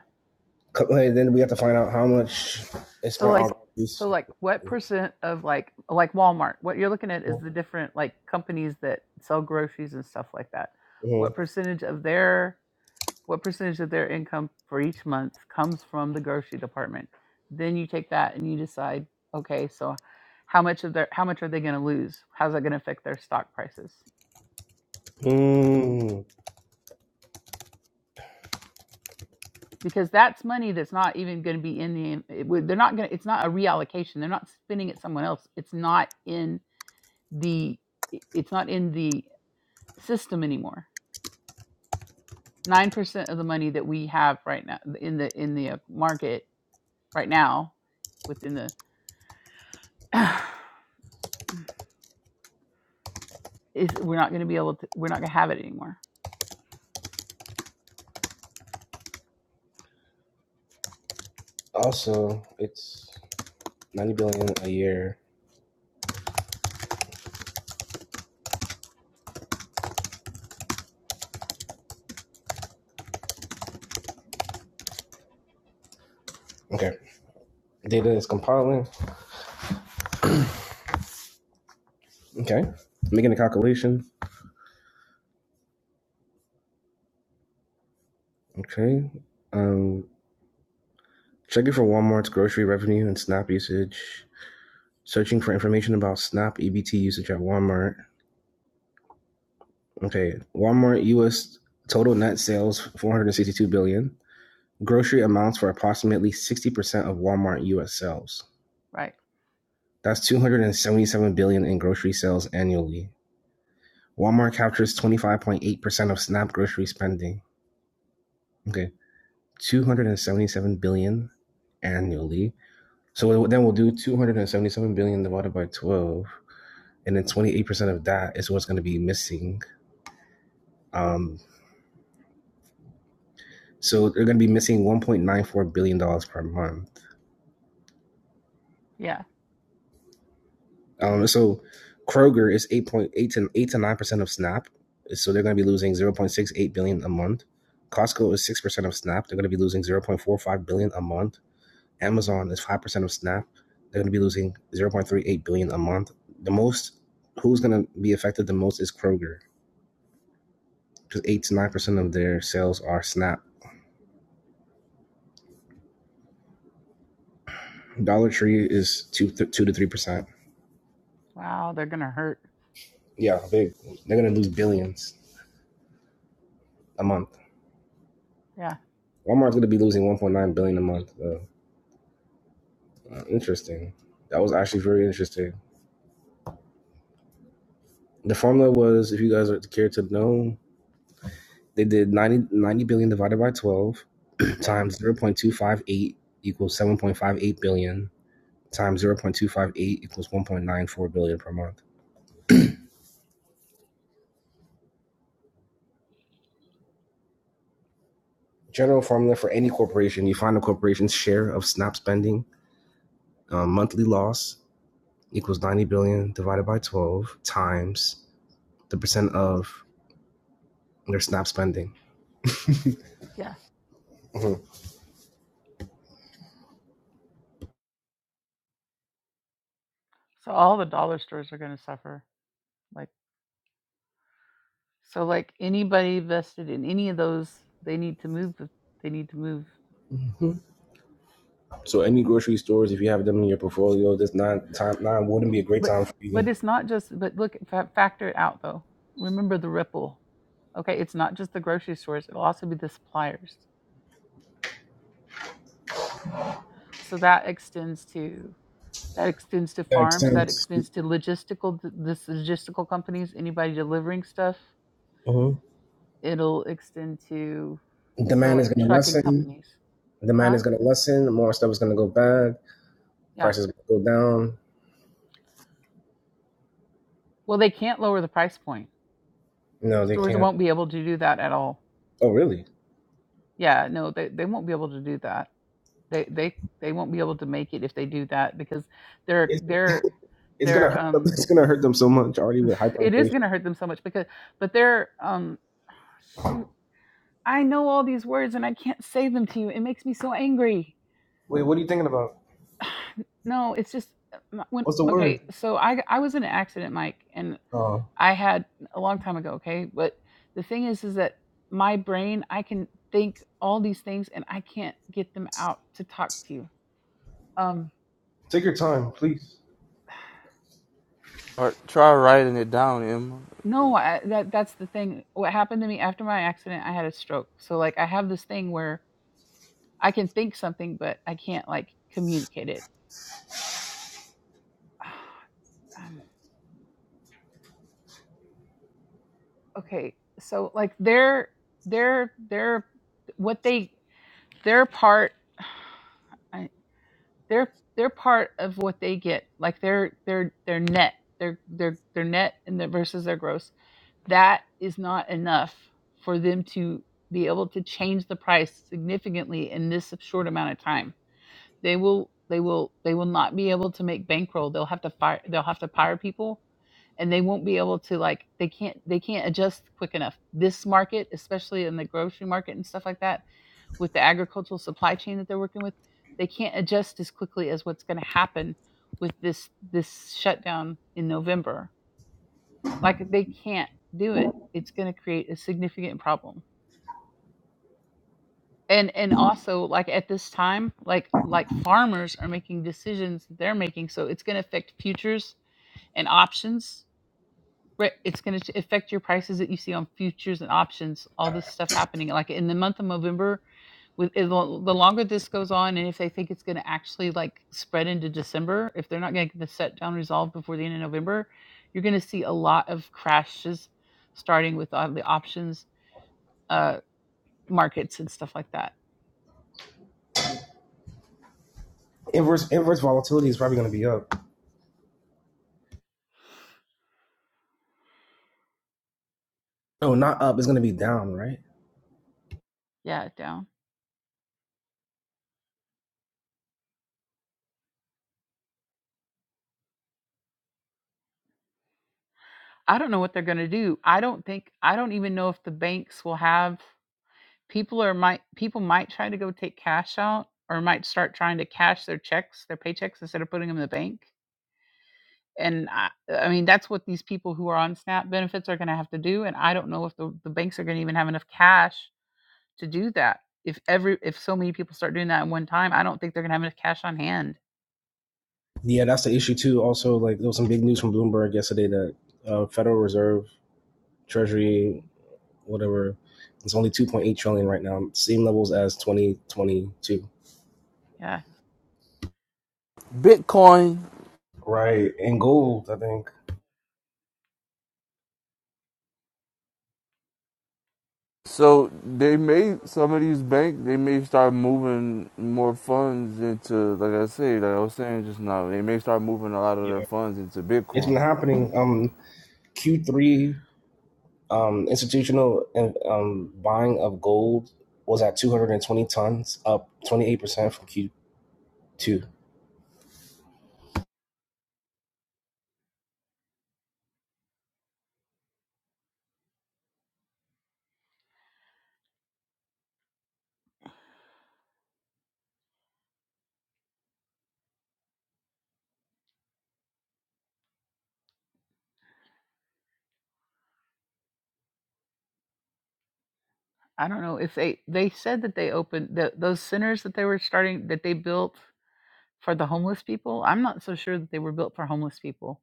S2: co- hey, then we have to find out how much is
S1: So
S2: spent on
S1: like so
S2: groceries.
S1: like what percent of like like Walmart? What you're looking at is the different like companies that sell groceries and stuff like that. What
S2: Mm-hmm.
S1: percentage of their what percentage of their income for each month comes from the grocery department then you take that and you decide okay so how much of their how much are they going to lose how's that going to affect their stock prices
S2: Mm.
S1: because that's money that's not even going to be in the it would- they're not going to it's not a reallocation they're not spending it someone else it's not in the it- it's not in the system anymore 9% of the money that we have right now in the in the uh, market right now within the is we're not going to be able to we're not going to have it anymore
S2: Also, it's ninety billion a year. Okay, data is compiling. Okay, making a calculation. Okay. Um, checking for Walmart's grocery revenue and SNAP usage. Searching for information about SNAP EBT usage at Walmart. Okay. Walmart U.S. total net sales 462 billion. dollars. Grocery amounts for approximately 60% of Walmart U.S. sales.
S1: right
S2: That's 277 billion dollars in grocery sales annually. Walmart captures 25.8% of SNAP grocery spending. Okay. 277 billion dollars annually So then we'll do 277 billion divided by 12, and then 28% of that is what's going to be missing. Um, so they're going to be missing 1.94 billion dollars per month.
S1: yeah
S2: Um, so Kroger is 8.8 to 8 to 9% of Snap, so they're going to be losing 0.68 billion dollars a month. Costco is 6% of Snap, they're going to be losing 0.45 billion dollars a month. Amazon is 5% of Snap, they're going to be losing 0.38 billion dollars a month. The most who's going to be affected the most is Kroger because eight to nine percent of their sales are Snap. Dollar Tree is two th- two to three percent.
S1: wow they're going to hurt
S2: Yeah, they they're gonna lose billions a month.
S1: yeah
S2: Walmart's gonna be losing one point nine billion a month. Though. Uh, interesting. That was actually very interesting. The formula was, if you guys are care to know, they did ninety ninety billion divided by twelve
S1: okay
S2: times zero point two five eight equals seven point five eight billion times zero point two five eight equals one point nine four billion per month. General formula for any corporation: you find a corporation's share of Snap spending Um, monthly loss equals 90 billion divided by 12 times the percent of their SNAP spending.
S1: yeah so all the dollar stores are going to suffer like so like anybody vested in any of those they need to move the- they need to move
S2: Mhm. So any grocery stores, if you have them in your portfolio, this nine time nine wouldn't be a great
S1: but
S2: time for you.
S1: but
S2: to-
S1: it's not just but look fa- factor it out though remember the ripple okay it's not just the grocery stores it'll also be the suppliers so that extends to That extends to
S2: That
S1: farms, that
S2: extends.
S1: extends to logistical, th- this logistical companies, anybody delivering stuff.
S2: Mhm.
S1: It'll extend to, so
S2: Demand is
S1: like
S2: going to
S1: trucking
S2: lessen.
S1: companies,
S2: Demand
S1: huh?
S2: is going to lessen. More stuff is going to go bad.
S1: Yeah.
S2: Prices going to go down.
S1: Well, they can't lower the price point.
S2: No, they
S1: Stores
S2: can't.
S1: won't be able to do that at all.
S2: Oh, really?
S1: Yeah, no, they, they won't be able to do that. They, they, they won't be able to make it if they do that because they're,
S2: It's
S1: they're,
S2: it's gonna
S1: they're,
S2: hurt.
S1: um,
S2: It's gonna hurt them so much already with
S1: it is
S2: hyperinflation.
S1: going to hurt them so much because but they're um shoot I know all these words and I can't say them to you. It makes me so angry.
S2: Wait, what are you thinking about?
S1: no, it's just uh, when
S2: What's the word?
S1: okay, so I I was in an accident, Mike, and
S2: Uh,
S1: I had a long time ago, okay? But the thing is is that my brain, I can think all these things and I can't get them out to talk to you. Um
S2: take your time, please.
S3: try writing it down, Emma.
S1: no, I, that that's the thing. What happened to me after my accident, I had a stroke. So like I have this thing where I can think something but I can't like communicate it. um, okay so like their their their what they their part I, their their part of what they get like their their their net their their their net and their versus their gross that is not enough for them to be able to change the price significantly in this short amount of time they will they will they will not be able to make bankroll they'll have to fire they'll have to fire people and they won't be able to like they can't they can't adjust quick enough this market especially in the grocery market and stuff like that with the agricultural supply chain that they're working with they can't adjust as quickly as what's going to happen with this this shutdown in november like they can't do it it's going to create a significant problem and and also like at this time like like farmers are making decisions that they're making so it's going to affect futures and options Right, it's going to affect your prices that you see on futures and options. All this stuff happening, like in the month of November. With it- the longer this goes on, and if they think it's going to actually like spread into December, if they're not going to get the set down resolved before the end of November, you're going to see a lot of crashes, starting with all the options uh, markets and stuff like that.
S2: Inverse inverse volatility is probably going to be up. No, not up. It's going to be down, right?
S1: Yeah, down. I don't know what they're going to do. I don't think. I don't even know if the banks will have people are might people might try to go take cash out or might start trying to cash their checks their paychecks instead of putting them in the bank and i, I mean that's what these people who are on snap benefits are going to have to do and i don't know if the, the banks are going to even have enough cash to do that if every if so many people start doing that at one time i don't think they're going to have enough cash on hand
S2: Yeah, that's the issue too. Also, like there was some big news from Bloomberg yesterday that uh, Federal Reserve, Treasury, whatever, it's only two point eight trillion right now, same levels as twenty twenty two.
S1: yeah
S3: Bitcoin.
S2: Right, and gold, I think.
S3: So they may some of these banks they may start moving more funds into like I say like I was saying just now they may start moving a lot of their
S2: Yeah,
S3: funds into
S2: it's been
S3: Bitcoin.
S2: happening. Um, Q three, um, institutional um buying of gold was at two hundred and twenty tons, up twenty eight percent from Q two.
S1: i don't know if they they said that they opened the, those centers that they were starting that they built for the homeless people i'm not so sure that they were built for homeless people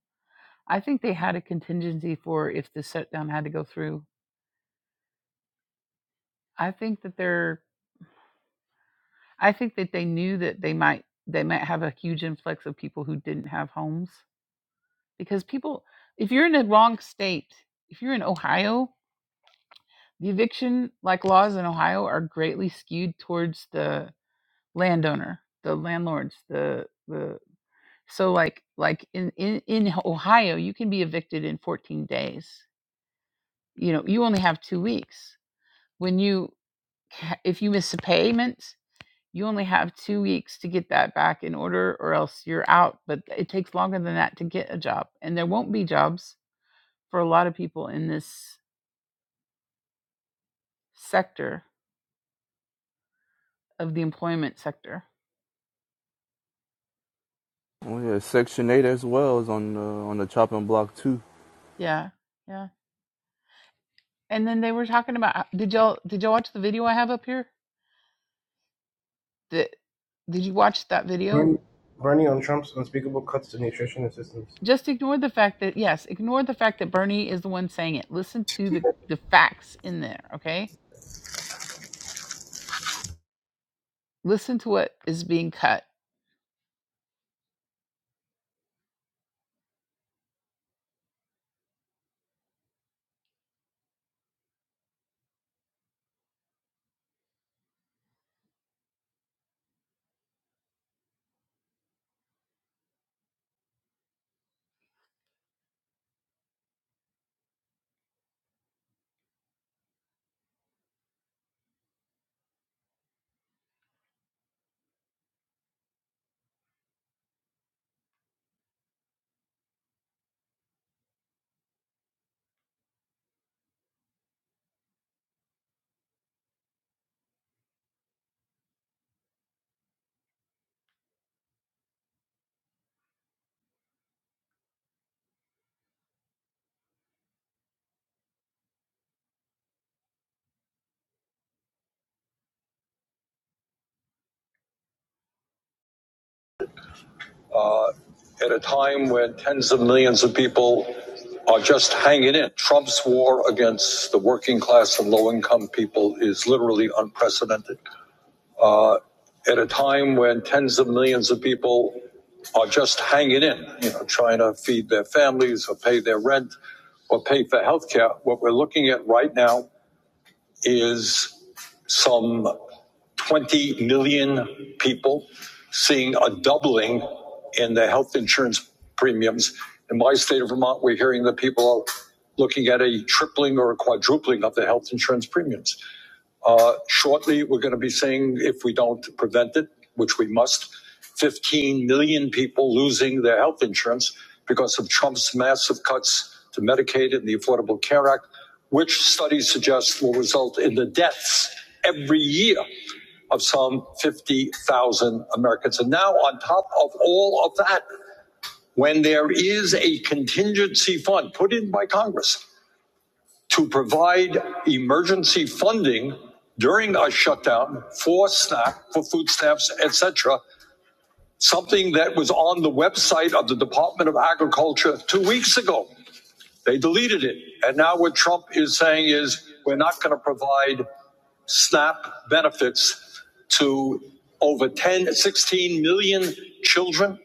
S1: I think they had a contingency for if the shutdown had to go through. I think that they're I think that they knew that they might they might have a huge influx of people who didn't have homes because people if you're in the wrong state, if you're in Ohio, the eviction like laws in Ohio are greatly skewed towards the landowner, the landlords, the the so like like in in, in Ohio, you can be evicted in 14 days. You know, you only have 2 weeks when you if you miss a payment, you only have two weeks to get that back in order, or else you're out. But it takes longer than that to get a job, and there won't be jobs for a lot of people in this sector of the employment sector.
S3: Oh yeah, Section Eight as well is on the on the chopping block too.
S1: Yeah, yeah. And then they were talking about uh, did y'all did y'all watch the video I have up here? Did did you watch that video?
S2: Bernie, Bernie on Trump's unspeakable cuts to nutrition assistance.
S1: Just ignore the fact that yes, ignore the fact that Bernie is the one saying it. Listen to the the facts in there, okay? Listen to what is being cut.
S2: At a time when tens of millions of people are just hanging in, Trump's war against the working class and low income people is literally unprecedented. Uh, at a time when tens of millions of people are just hanging in, you know, trying to feed their families or pay their rent or pay for health care, what we're looking at right now is some 20 million people seeing a doubling in the health insurance premiums. In my state of Vermont, we're hearing that people are looking at a tripling or a quadrupling of the health insurance premiums. Uh, shortly, we're going to be seeing, if we don't prevent it, which we must, 15 million people losing their health insurance because of Trump's massive cuts to Medicaid and the Affordable Care Act, which studies suggest will result in the deaths every year of some 50,000 Americans. And now, on top of all of that, when there is a contingency fund put in by Congress to provide emergency funding during a shutdown for SNAP, for food stamps, etc. Something that was on the website of the Department of Agriculture two weeks ago. They deleted it. And now what Trump is saying is we're not going to provide SNAP benefits to over 10, 16 million children,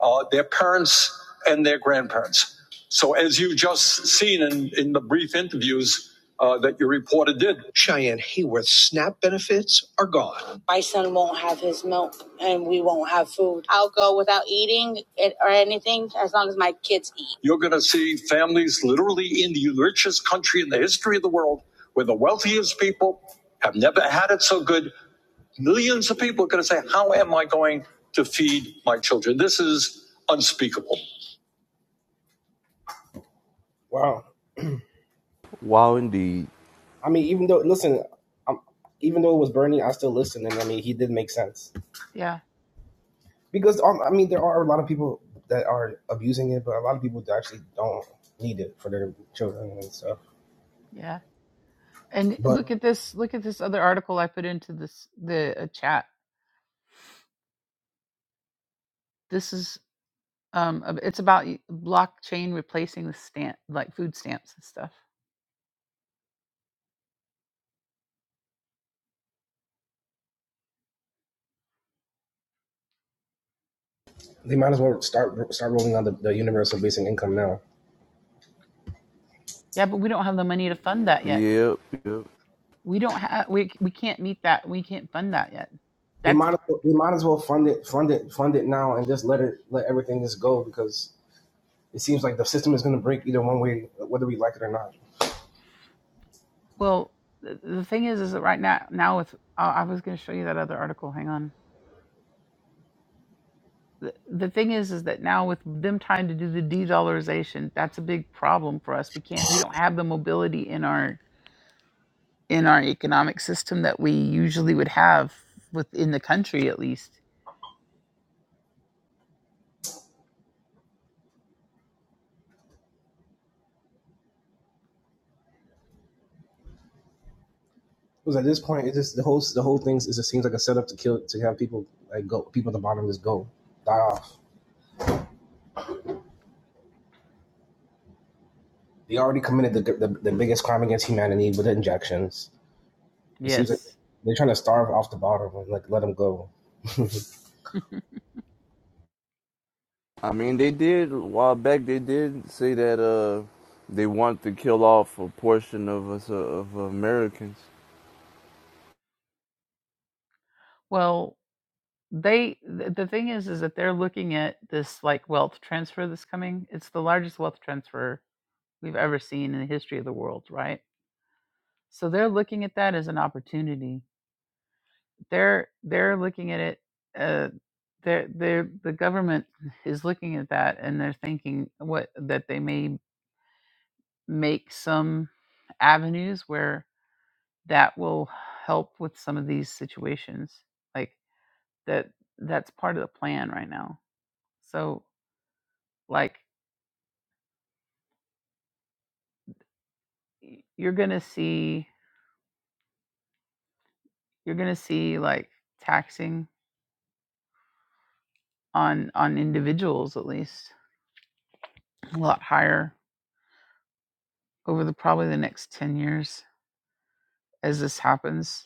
S2: uh, their parents, and their grandparents. So, as you just seen in, in the brief interviews uh, that your reporter did, Cheyenne Hayworth's SNAP benefits are gone my son won't have his milk and we won't have food. I'll go without eating it or anything as long as my kids eat. You're going to see families literally in the richest country in the history of the world where the wealthiest people have never had it so good. Millions of people are going to say, How am I going to feed my children? This is unspeakable. Wow.
S3: Wow, indeed.
S2: I mean, even though listen, um, even though it was Bernie, I still listened, and I mean, he did make sense.
S1: Yeah,
S2: because um, I mean there are a lot of people that are abusing it, but a lot of people that actually don't need it for their children and stuff.
S1: yeah And look at this. Look at this other article I put into this the uh, chat. This is um. ab- It's about y- blockchain replacing the stamp, like food stamps and stuff.
S2: They might as well start start rolling out the, the universal basic income now.
S1: Yeah, but we don't have the money to fund that yet.
S3: Yep, yep.
S1: We don't have. We c- we can't meet that. We can't fund that yet.
S2: We
S1: That's
S2: might as well, we might as well fund it fund it fund it now and just let it let everything just go because it seems like the system is going to break either one way whether we like it or not.
S1: well. The, the thing is, is that right now now with I I was going to show you that other article. Hang on. the the thing is is that now with them trying to do the de-dollarization that's a big problem for us we can't we don't have the mobility in our in our economic system that we usually would have within the country at least
S2: Because at this point, it just the whole the whole thing is it seems like a setup to kill to have people like go people at the bottom just go die off. They already committed the the, the biggest crime against humanity with injections It seems like
S1: yes
S2: they're trying to starve off the bottom and like let them go.
S3: I mean, they did a while back. They did say that uh, they want to kill off a portion of us uh, of Americans.
S1: well they th- the thing is is that they're looking at this like wealth transfer that's coming it's the largest wealth transfer we've ever seen in the history of the world right so they're looking at that as an opportunity they're they're looking at it uh they're they're the government is looking at that and they're thinking what that they may make some avenues where that will help with some of these situations like that that's part of the plan right now so like y- you're gonna see you're gonna see like taxing on on individuals at least a lot higher over the probably the next 10 years as this happens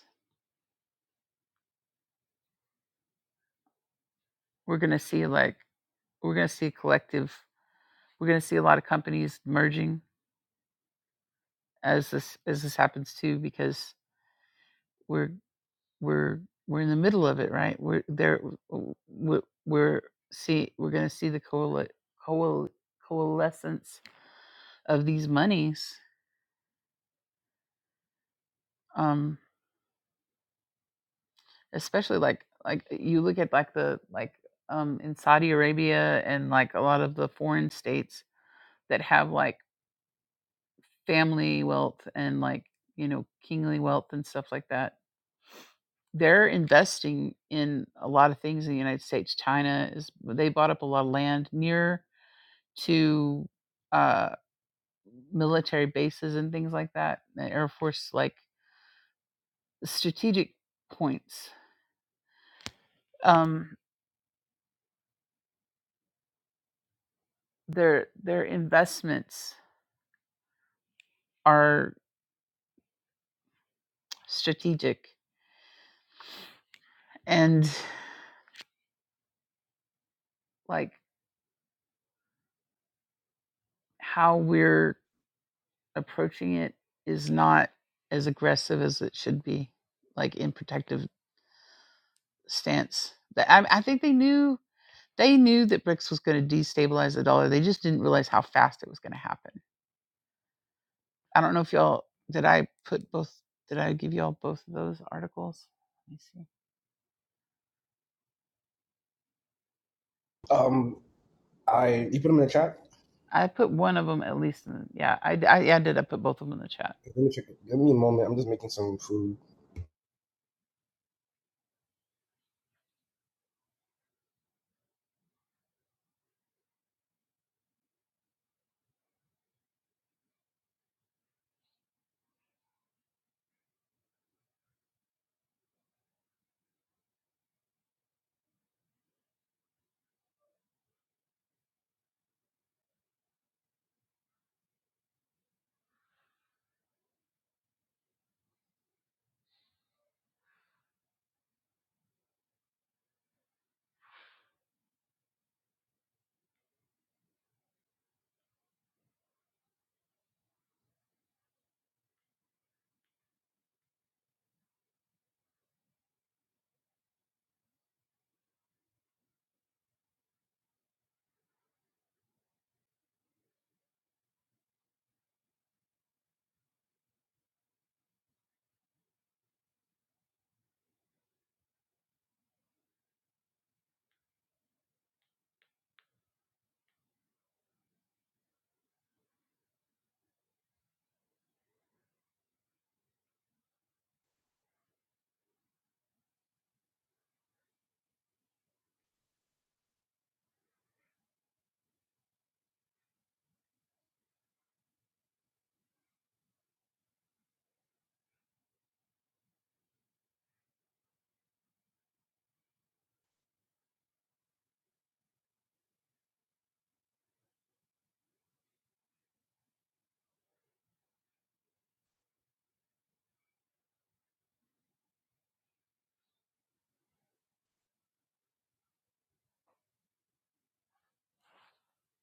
S1: we're going to see like we're going to see collective we're going to see a lot of companies merging as this as this happens too because we're we're we're in the middle of it right we're there w- w- we're see we're going to see the coal, coal, coalescence of these monies um especially like like you look at like the like um in Saudi Arabia and like a lot of the foreign states that have like family wealth and like you know kingly wealth and stuff like that they're investing in a lot of things in the united states china is they bought up a lot of land near to uh military bases and things like that the air force like strategic points um their their investments are strategic and like how we're approaching it is not as aggressive as it should be, like in protective stance. I, I think they knew they knew that BRICS was going to destabilize the dollar. They just didn't realize how fast it was going to happen. I don't know if y'all did. I put both. Did I give y'all both of those articles? Let me see.
S2: Um, I you put them in the chat.
S1: I put one of them at least. In yeah, I yeah, I did. I put both of them in the chat.
S2: Let me check. it. Give me a moment. I'm just making some food.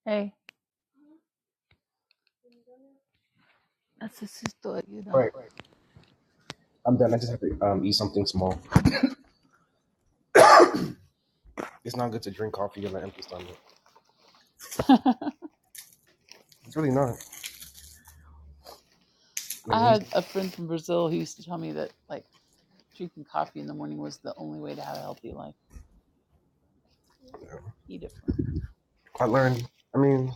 S1: Hey, necesito
S2: All right,
S1: ayuda.
S2: I'm done. I just have to um eat something small. It's not good to drink coffee on an empty stomach. It's really not. I
S1: I
S2: mean, he's.
S1: had a friend from Brazil who used to tell me that like drinking coffee in the morning was the only way to have a healthy life. He different.
S2: I learned. I mean,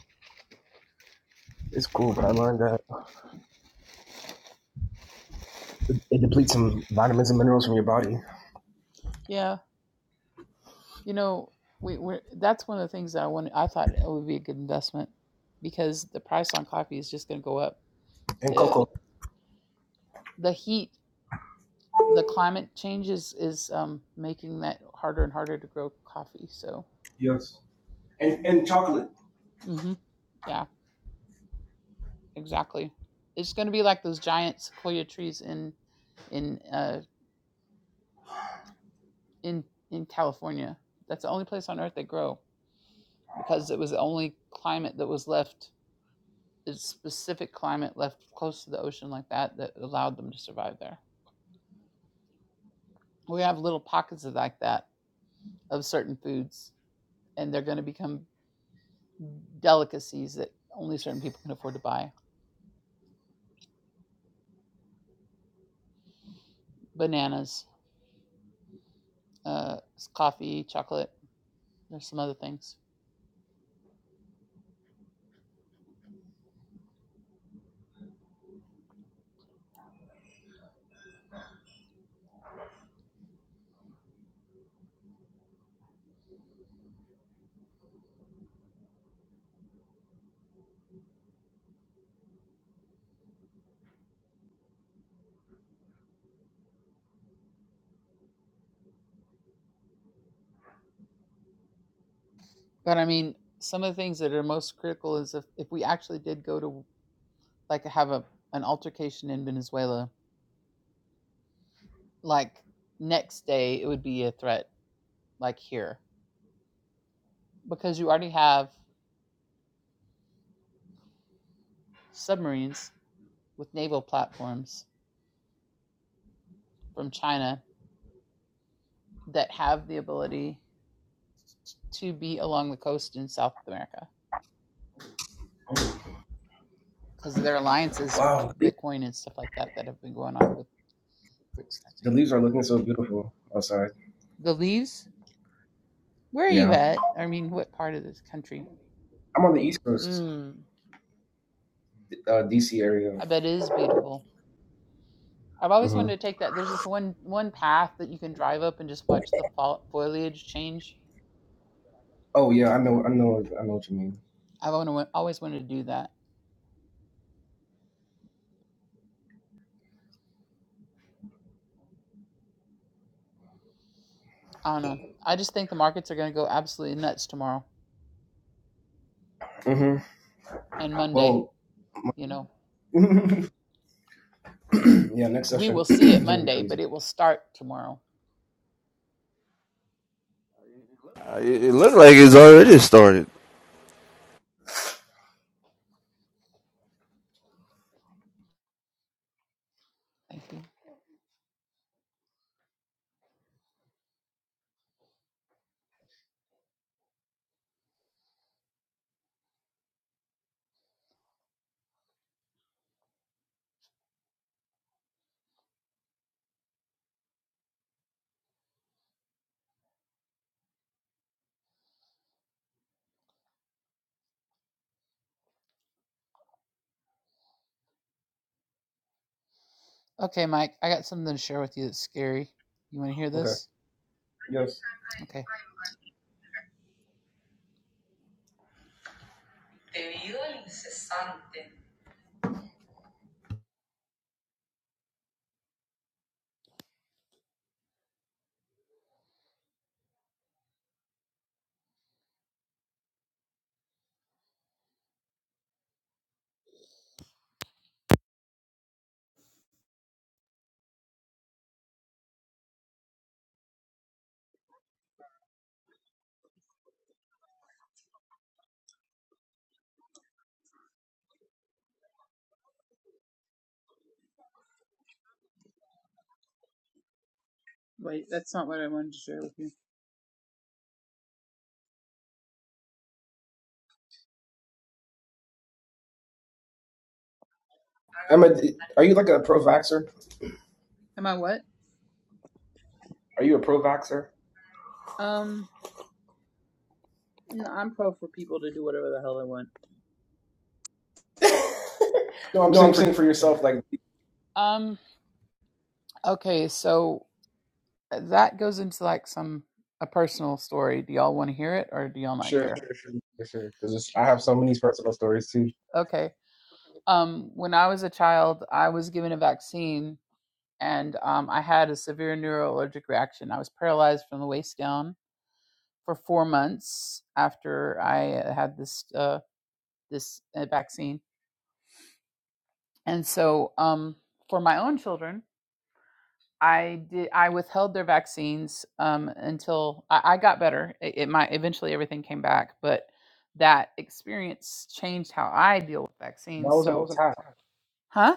S2: it's cool, but I learned that it depletes some vitamins and minerals from your body.
S1: Yeah, you know, we we that's one of the things that I wanted. I thought it would be a good investment because the price on coffee is just going to go up.
S2: And
S1: the
S2: cocoa.
S1: The heat, the climate changes is um, making that harder and harder to grow coffee. So,
S2: Yes. And and chocolate.
S1: hmm yeah, exactly. It's going to be like those giant sequoia trees in in uh, in in California. That's the only place on earth they grow because it was the only climate that was left, It's specific climate left close to the ocean like that that allowed them to survive there. We have little pockets of like that of certain foods, and they're going to become delicacies that only certain people can afford to buy. Bananas, uh, coffee, chocolate. There's some other things, but I mean, some of the things that are most critical is if if we actually did go to like have a an altercation in Venezuela like next day it would be a threat like here because you already have submarines with naval platforms from China that have the ability to be along the coast in South America because of their alliances with the
S2: Wow. The
S1: Bitcoin and stuff like that that have been going on with BRICS country.
S2: leaves are looking so beautiful outside.
S1: The leaves? Where are you
S2: Yeah.
S1: at? I mean, what part of this country?
S2: I'm on the East Coast,
S1: Mm,
S2: uh, DC area.
S1: I bet it is beautiful. I've always
S2: Mm-hmm.
S1: wanted to take that. There's this one one path that you can drive up and just watch the foliage change
S2: Oh yeah, I know, I know, I know what you mean.
S1: I've alwa- always wanted to do that. I don't know. I just think the markets are going to go absolutely nuts tomorrow
S2: hmm
S1: and Monday.
S2: Well,
S1: You know,
S2: yeah, next
S1: we will
S2: session
S1: see it
S2: is gonna be
S1: Monday, but
S2: crazy.
S1: it will start tomorrow.
S3: Uh, it, it looked like it's already started.
S1: Thank you. Okay, Mike, I got something to share with you that's scary. You want to hear this?
S2: Yes.
S1: Okay. Wait, that's not what I wanted to share with you.
S2: I'm a, are you like a pro vaxxer?
S1: Am I what?
S2: Are you a pro vaxxer?
S1: Um, no, I'm pro for people to do whatever the hell they want.
S2: No, I'm saying for yourself, like
S1: Um, okay, so uh, that goes into like some a personal story. Do y'all want to hear it or do y'all not
S2: sure,
S1: care?
S2: sure, sure, sure, sure. Because I have so many personal stories too.
S1: Sure. Okay. Um, when I was a child, I was given a vaccine and um, I had a severe neuroallergic reaction. I was paralyzed from the waist down for four months after I uh, had this uh, this uh, vaccine. And so, um, for my own children, I did I withheld their vaccines um, until I, I got better. It, it might eventually everything came back, but that experience changed how I deal with vaccines.
S2: That was
S1: So,
S2: an
S1: that wasn't
S2: attack.
S1: a time. huh?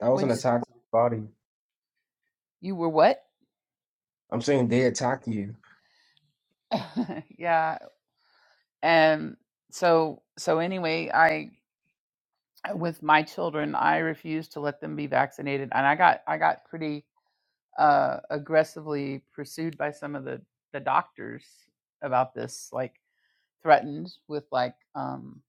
S2: That was
S1: What'd
S2: an
S1: you say?
S2: attack on my body.
S1: You were what?
S2: I'm saying they attack you.
S1: yeah. And so so anyway, I with my children, I refused to let them be vaccinated, and I got I got pretty uh, aggressively pursued by some of the the doctors about this, like threatened with like um,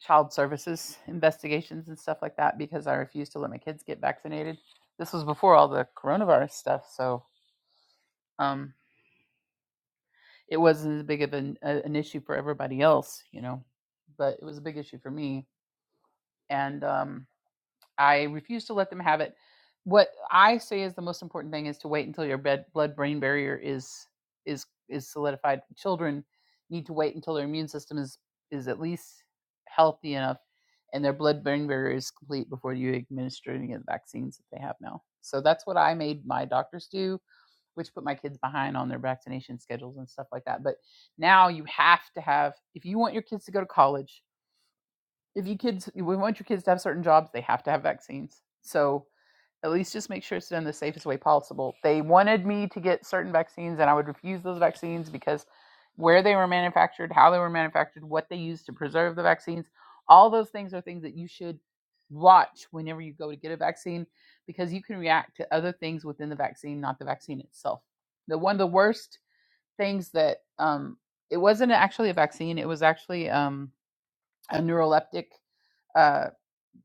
S1: child services investigations and stuff like that because I refused to let my kids get vaccinated. This was before all the coronavirus stuff, so um, it wasn't as big of an, a, an issue for everybody else, you know, but it was a big issue for me and um, I refuse to let them have it. What I say is the most important thing is to wait until your bed, blood-brain barrier is is is solidified. Children need to wait until their immune system is is at least healthy enough and their blood-brain barrier is complete before you administer any of the vaccines that they have now. So that's what I made my doctors do, which put my kids behind on their vaccination schedules and stuff like that. But now you have to have if you want your kids to go to college if you kids if we want your kids to have certain jobs they have to have vaccines so at least just make sure it's done the safest way possible they wanted me to get certain vaccines and i would refuse those vaccines because where they were manufactured how they were manufactured what they used to preserve the vaccines all those things are things that you should watch whenever you go to get a vaccine because you can react to other things within the vaccine not the vaccine itself the one of the worst things that um it wasn't actually a vaccine it was actually um a neuroleptic uh,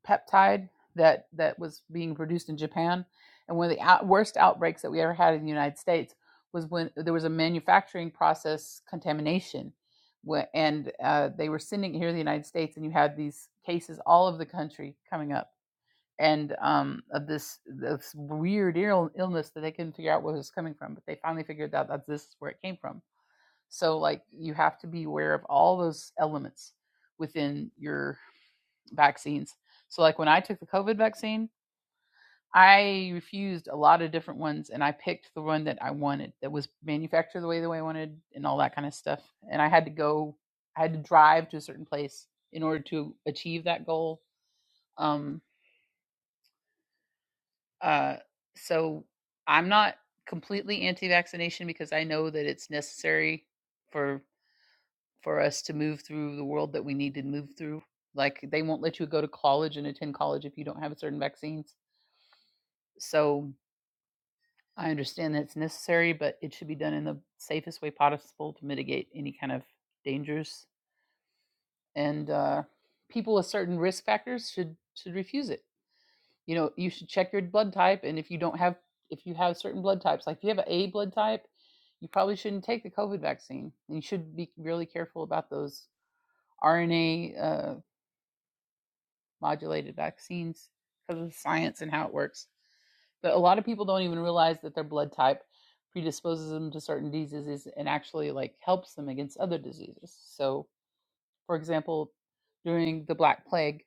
S1: peptide that that was being produced in Japan. And one of the out, worst outbreaks that we ever had in the United States was when there was a manufacturing process contamination, wh- and uh, they were sending it here in the United States, and you had these cases all over the country coming up, and um, of this this weird Ill- illness that they couldn't figure out where it was coming from, but they finally figured out that this is where it came from. So like you have to be aware of all those elements within your vaccines. So, like when I took the COVID vaccine, I refused a lot of different ones and I picked the one that I wanted that was manufactured the way the way I wanted and all that kind of stuff. And I had to go, I had to drive to a certain place in order to achieve that goal. Um, uh, so, I'm not completely anti-vaccination because I know that it's necessary for for us to move through the world that we need to move through. Like they won't let you go to college and attend college if you don't have certain vaccines. So I understand that it's necessary, but it should be done in the safest way possible to mitigate any kind of dangers. And uh, people with certain risk factors should should refuse it. You know, you should check your blood type, and if you don't have if you have certain blood types, like if you have an A blood type, you probably shouldn't take the COVID vaccine. And you should be really careful about those RNA uh, modulated vaccines because of science and how it works. But a lot of people don't even realize that their blood type predisposes them to certain diseases and actually like helps them against other diseases. So, for example, during the Black Plague,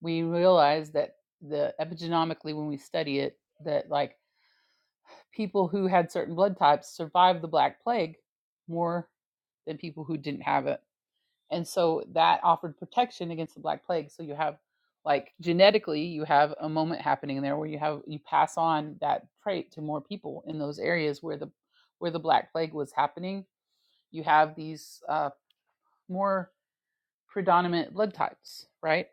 S1: we realized that the epigenomically when we study it that like people who had certain blood types survived the Black Plague more than people who didn't have it and so that offered protection against the black plague so you have like genetically you have a moment happening there where you have you pass on that trait to more people in those areas where the where the black plague was happening you have these uh, more predominant blood types right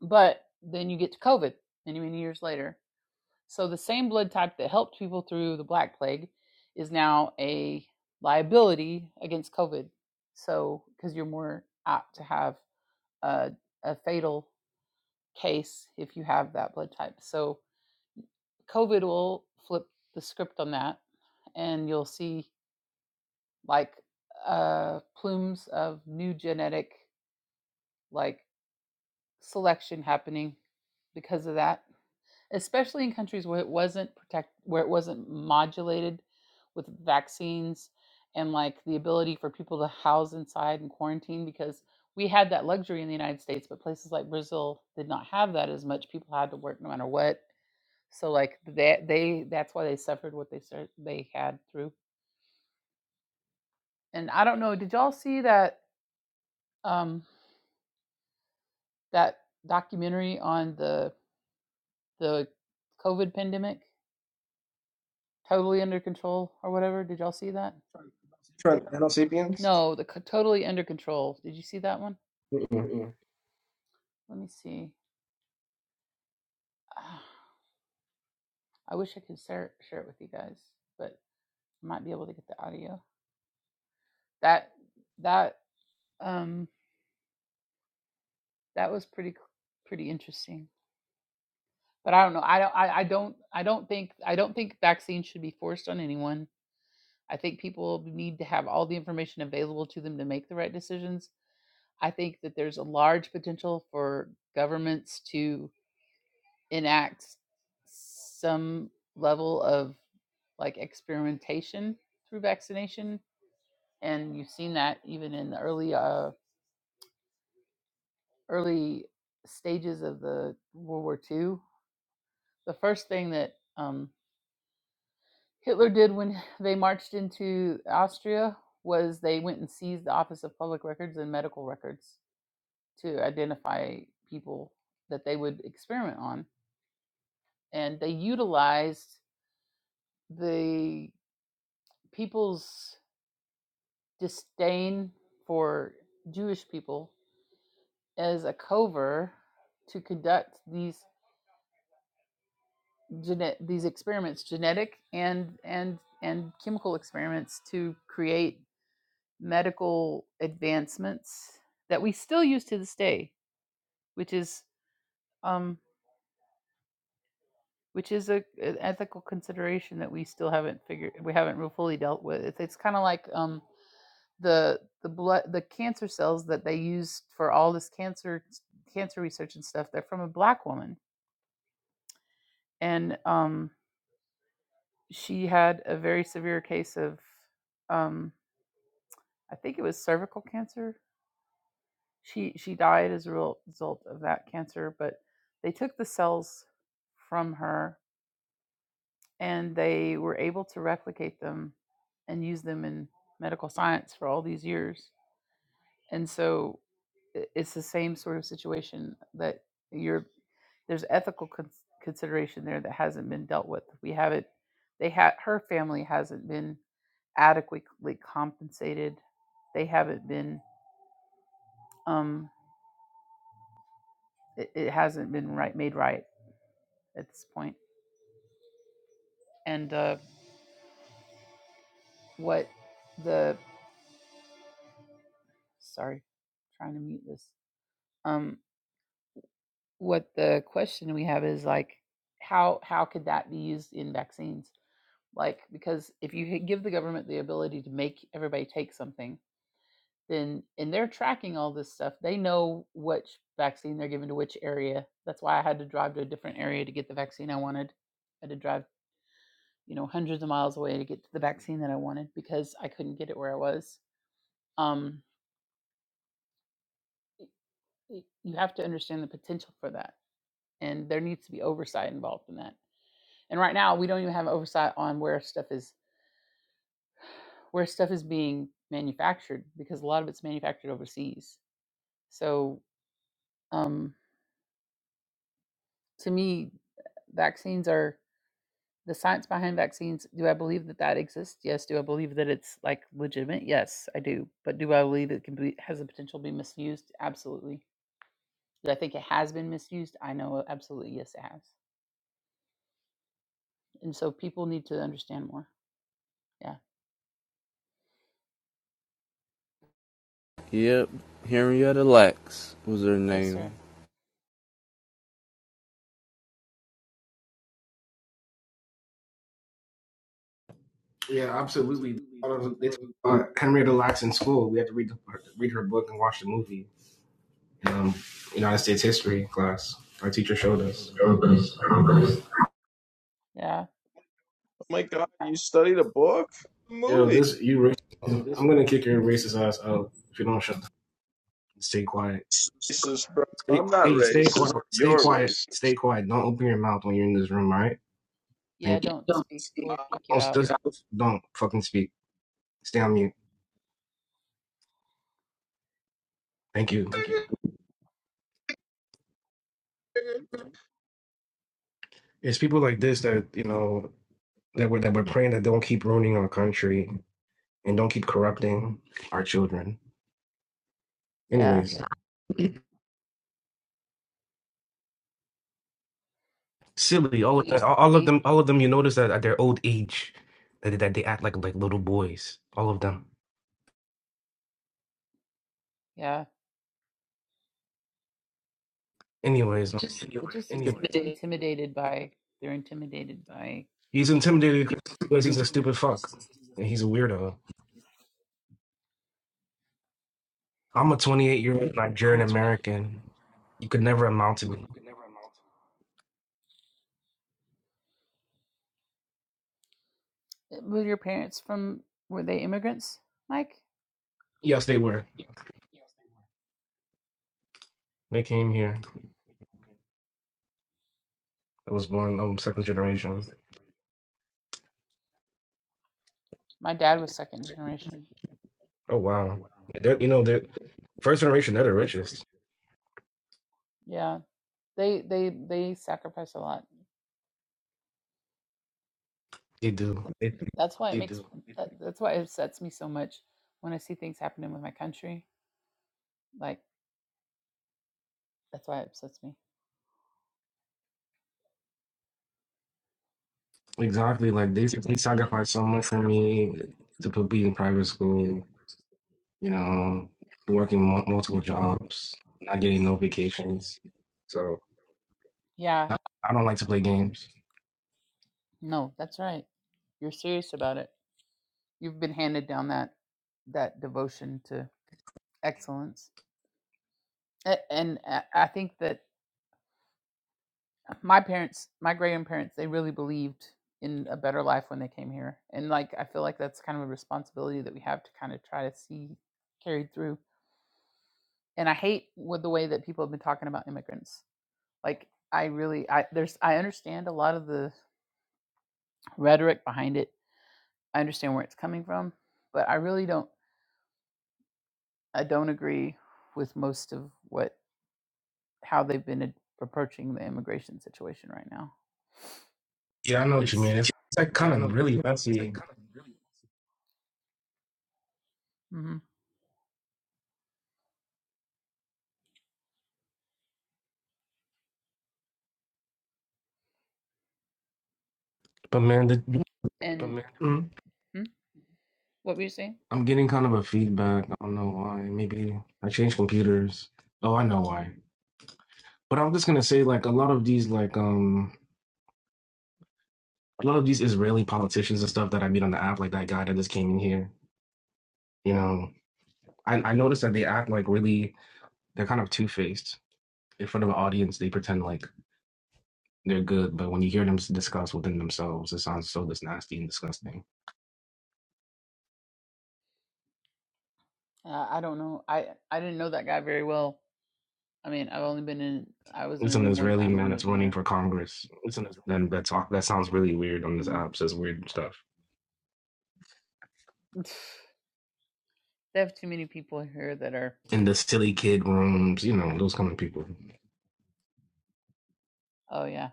S1: but then you get to covid many many years later so the same blood type that helped people through the black plague is now a liability against covid so because you're more apt to have a, a fatal case if you have that blood type. So COVID will flip the script on that, and you'll see like uh, plumes of new genetic like selection happening because of that. especially in countries where it wasn't protect where it wasn't modulated with vaccines and like the ability for people to house inside and quarantine because we had that luxury in the United States but places like Brazil did not have that as much people had to work no matter what so like that they, that's why they suffered what they sur- they had through and I don't know did y'all see that um that documentary on the the COVID pandemic totally under control or whatever did y'all see that
S2: Trying Homo sapiens?
S1: No, the totally under control. Did you see that one?
S2: Mm-mm.
S1: Let me see. Ah, I wish I could share share it with you guys, but I might be able to get the audio. That that um that was pretty pretty interesting. But I don't know. I don't. I, I don't. I don't think. I don't think vaccines should be forced on anyone. I think people need to have all the information available to them to make the right decisions. I think that there's a large potential for governments to enact some level of like experimentation through vaccination and you've seen that even in the early uh, early stages of the world war ii the first thing that um, hitler did when they marched into austria was they went and seized the office of public records and medical records to identify people that they would experiment on and they utilized the people's disdain for Jewish people as a cover to conduct these gene- these experiments, genetic and and and chemical experiments to create medical advancements that we still use to this day, which is um, which is a an ethical consideration that we still haven't figured we haven't real fully dealt with. It's, it's kind of like um, the the blood the cancer cells that they use for all this cancer cancer research and stuff they're from a black woman and um she had a very severe case of um i think it was cervical cancer she she died as a result of that cancer but they took the cells from her and they were able to replicate them and use them in medical science for all these years and so i- it's the same sort of situation that you're there's ethical con- consideration there that hasn't been dealt with we haven't they had her family hasn't been adequately compensated they haven't been um it, it hasn't been right made right at this point point. and uh what the sorry trying to mute this um what the question we have is like how how could that be used in vaccines like because if you give the government the ability to make everybody take something then and they're tracking all this stuff they know which vaccine they're giving to which area that's why i had to drive to a different area to get the vaccine i wanted i had to drive you know hundreds of miles away to get to the vaccine that i wanted because i couldn't get it where i was um, you have to understand the potential for that and there needs to be oversight involved in that and right now we don't even have oversight on where stuff is where stuff is being manufactured because a lot of it's manufactured overseas. So um, to me, vaccines are the science behind vaccines. Do I believe that that exists? Yes. Do I believe that it's like legitimate? Yes, I do. But do I believe it can be has the potential to be misused? Absolutely. Do I think it has been misused? I know absolutely yes it has. And so people need to understand more. Yeah.
S3: Yep, Henrietta Lacks was her
S1: Yes,
S3: name.
S1: sir.
S2: Yeah, absolutely. They talk about Henrietta Lacks in school. We had to read the, read her book and watch the movie. in Um, United States history class. Our teacher showed us. Showed us. Showed us.
S1: Yeah.
S5: my God, you studied a book?
S2: Yo,
S5: Movie.
S2: this you. racist. I'm gonna kick your racist ass out if you don't shut. The, stay quiet.
S5: Racist, bro.
S2: Stay,
S5: I'm not
S2: stay, stay
S5: racist.
S2: quiet. Stay
S5: You're
S2: quiet.
S5: racist.
S2: Stay quiet. Don't open your mouth when you're in this room. All right.
S1: Yeah.
S2: Thank you.
S1: Don't speak. We'll
S5: Ah,
S1: kick you
S2: Don't
S1: out.
S2: don't fucking speak. Stay on mute. Thank you. It's people like this that you know that we're that we're praying that don't keep ruining our country and don't keep corrupting our children.
S1: Yeah.
S2: Anyways, silly. All of that, all of
S1: We.
S2: them. All of them. You notice that at their old age, that that they act like like little boys. All of them.
S1: Yeah.
S2: Anyways,
S1: They're just
S2: just,
S1: intimidated by. They're intimidated by.
S2: He's intimidated because he's a stupid fuck. And he's a weirdo. I'm a 28 year old Nigerian American. You could never amount to me.
S1: eh, Were your parents from? Were they immigrants, Mike?
S2: Yes, they were. They came here. I was born um, second generation.
S1: My dad was second generation.
S2: Oh, wow. They're, you know, they're first generation, they're the richest.
S1: Yeah, they they they sacrifice a lot.
S2: They do. They,
S1: That's why it makes. That, that's why it upsets me so much when I see things happening with my country. Like that's why it upsets me.
S2: exactly. Like, they, they sacrificed so much for me to put me in private school, you know, working mul- multiple jobs, not getting no vacations. So
S1: Yeah.
S2: I, I don't like to play games.
S1: No, that's right. You're serious about it. You've been handed down that that devotion to excellence, and, I think that my parents, my grandparents, they really believed in a better life when they came here. And like I feel like that's kind of a responsibility that we have to kind of try to see carried through. And I hate with the way that people have been talking about immigrants. Like I really I there's I understand a lot of the rhetoric behind it. I understand where it's coming from, but I really don't I don't agree with most of what how they've been ad- approaching the immigration situation right now
S2: Yeah, I know what you
S1: cuz
S2: mean. It's, it's like kind of really messy.
S1: and
S2: But man, the, mm,
S1: Hmm? what were you saying?
S2: I'm getting kind of a feedback. I don't know why. Maybe I changed computers. Oh, I know why. But I'm just gonna say like a lot of these like um a lot of these Israeli politicians and stuff that I meet on the app, like that guy that just came in here. You know, I I noticed that they act like really they're kind of two faced in front of an audience. They pretend like they're good, but when you hear them s- discuss within themselves, it sounds so just nasty and disgusting.
S1: Uh, I don't know. I I didn't know that guy very well. I mean, I've only been in. I was in a
S2: It's an
S1: room one
S2: Israeli
S1: time when
S2: man
S1: he was
S2: that's
S1: in
S2: running
S1: there.
S2: for Congress And that's all- that sounds really weird on this
S1: Mm.
S2: app. Says weird stuff
S1: they have too many people here that are.
S2: in the silly kid rooms. You know those kind of people.
S1: Oh yeah,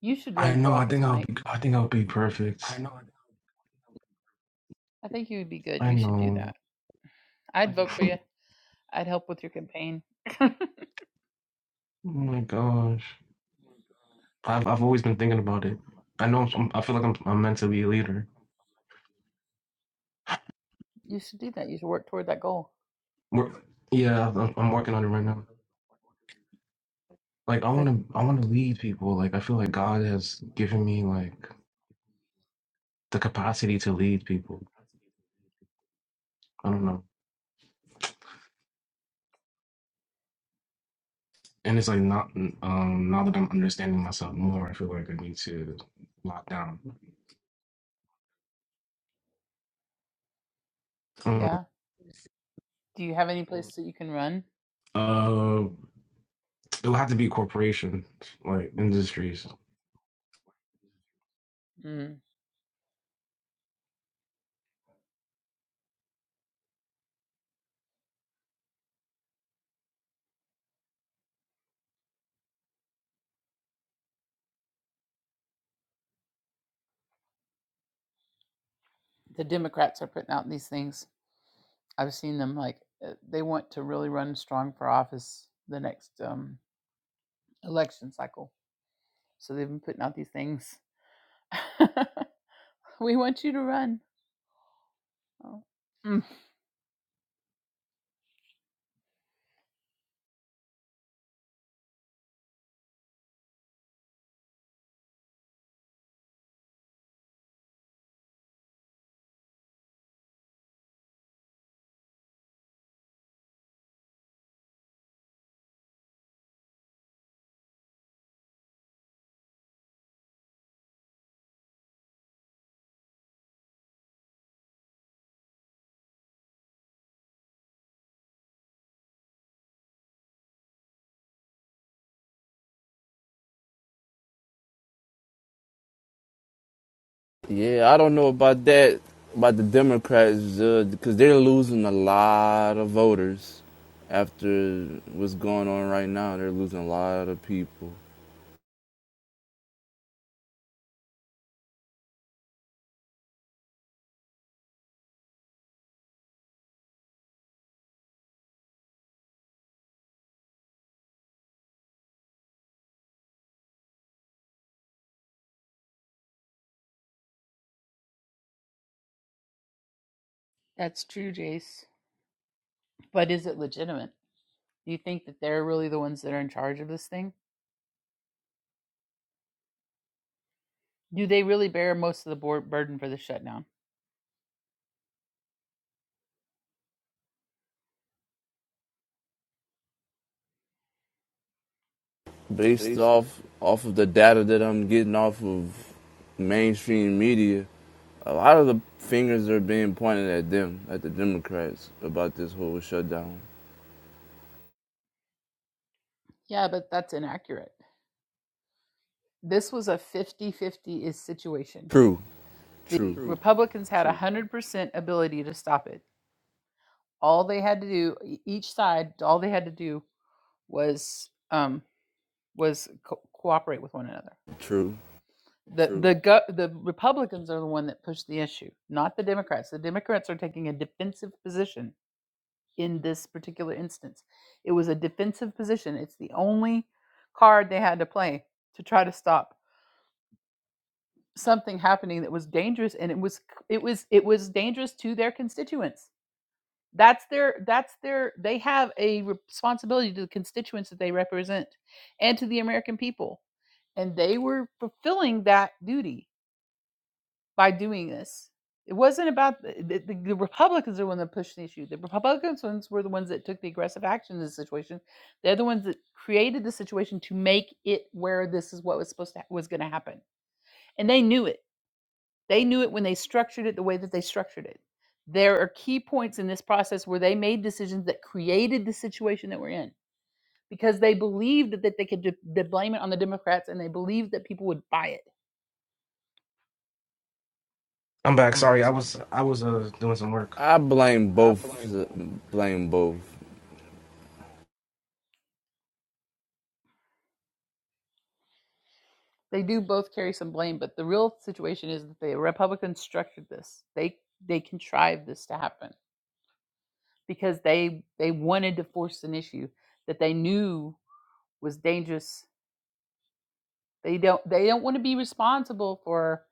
S1: you should
S2: I
S1: run for
S2: know. I
S1: office,
S2: think I'll
S1: Mike.
S2: be. I think I'll be perfect.
S1: I think you would be good.
S2: I
S1: You should do
S2: know.
S1: that. I I'd I vote for you. I'd help with your campaign.
S2: Oh my gosh. I've I've always been thinking about it. I know. I'm, I feel like I'm I'm meant to be a leader.
S1: You should do that. You should work toward that goal.
S2: We're, yeah, I'm, I'm working on it right now. Like I want
S1: Good.
S2: to. I want to lead people. Like I feel like God has given me like the capacity to lead people. I don't know. and it's like not um now that I'm understanding myself more, I feel like I need to lock down. Um,
S1: Yeah. Do you have any Well, place that you can run?
S2: Uh, it'll have to be corporations like industries.
S1: Mm. The Democrats are putting out these things. I've seen them. Like uh, they want to really run strong for office the next um, election cycle So they've been putting out these things. we want you to run. Oh. Mm,
S3: Yeah, I don't know about that about the Democrats uh, because they're losing a lot of voters after what's going on right now. They're losing a lot of people.
S1: that's true, Jace. But is it legitimate? Do you think that they're really the ones that are in charge of this thing? Do they really bear most of the board burden for the shutdown?
S3: based off off of the data that I'm getting off of mainstream media, a lot of the fingers are being pointed at them, at the Democrats, about this whole shutdown.
S1: Yeah, but that's inaccurate. This was a fifty-fifty is situation.
S3: True,
S1: The
S3: true,
S1: Republicans had a 100% ability to stop it. All they had to do, e- each side, all they had to do was um, was co- cooperate with one another.
S3: true.
S1: The the go- the Republicans are the one that pushed the issue, not the Democrats. The Democrats are taking a defensive position in this particular instance. It was a defensive position. It's the only card they had to play to try to stop something happening that was dangerous and it was it was it was dangerous to their constituents. That's their that's their they have a responsibility to the constituents that they represent and to the American people and they were fulfilling that duty by doing this. It wasn't about the, the, the Republicans are the ones that pushed the issue. The Republicans ones were the ones that took the aggressive action in this situation. They're the ones that created the situation to make it where this is what was supposed to was going to happen, and they knew it. They knew it when they structured it the way that they structured it. There are key points in this process where they made decisions that created the situation that we're in because they believed that they could de- de- blame it on the Democrats and they believed that people would buy it
S2: I'm back. Sorry, I was I was uh doing some work.
S3: I blame both. Blame both.
S1: they do both carry some blame, but the real situation is that the Republicans structured this. They they contrived this to happen because they they wanted to force an issue that they knew was dangerous. They don't they don't want to be responsible for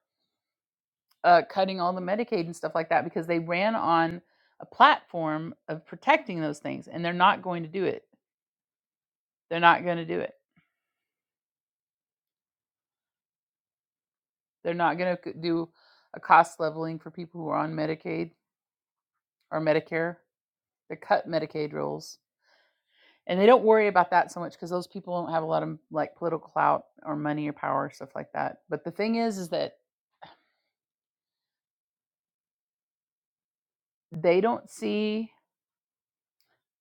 S1: uh, cutting all the Medicaid and stuff like that because they ran on a platform of protecting those things, and they're not going to do it. They're not going to do it. They're not going to do a cost leveling for people who are on Medicaid or Medicare. They cut Medicaid rolls and they don't worry about that so much because those people don't have a lot of like political clout or money or power stuff like that but the thing is is that they don't see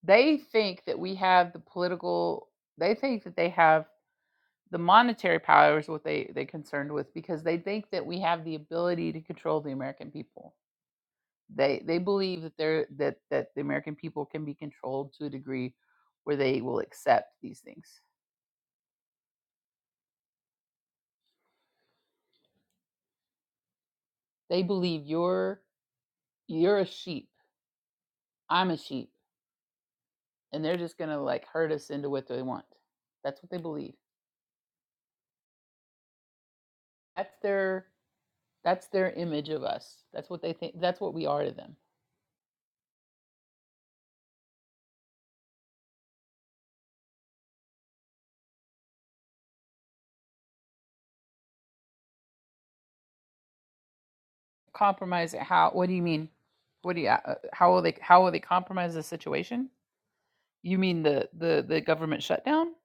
S1: they think that we have the political they think that they have the monetary power is what they they concerned with because they think that we have the ability to control the american people they they believe that they're that that the american people can be controlled to a degree where they will accept these things they believe you're you're a sheep i'm a sheep and they're just gonna like herd us into what they want. That's what they believe. That's their that's their image of us. That's what they think. That's what we are to them. Compromise it how? What do you mean? What do you? Uh, how will they? How will they compromise the situation? You mean the the the government shutdown?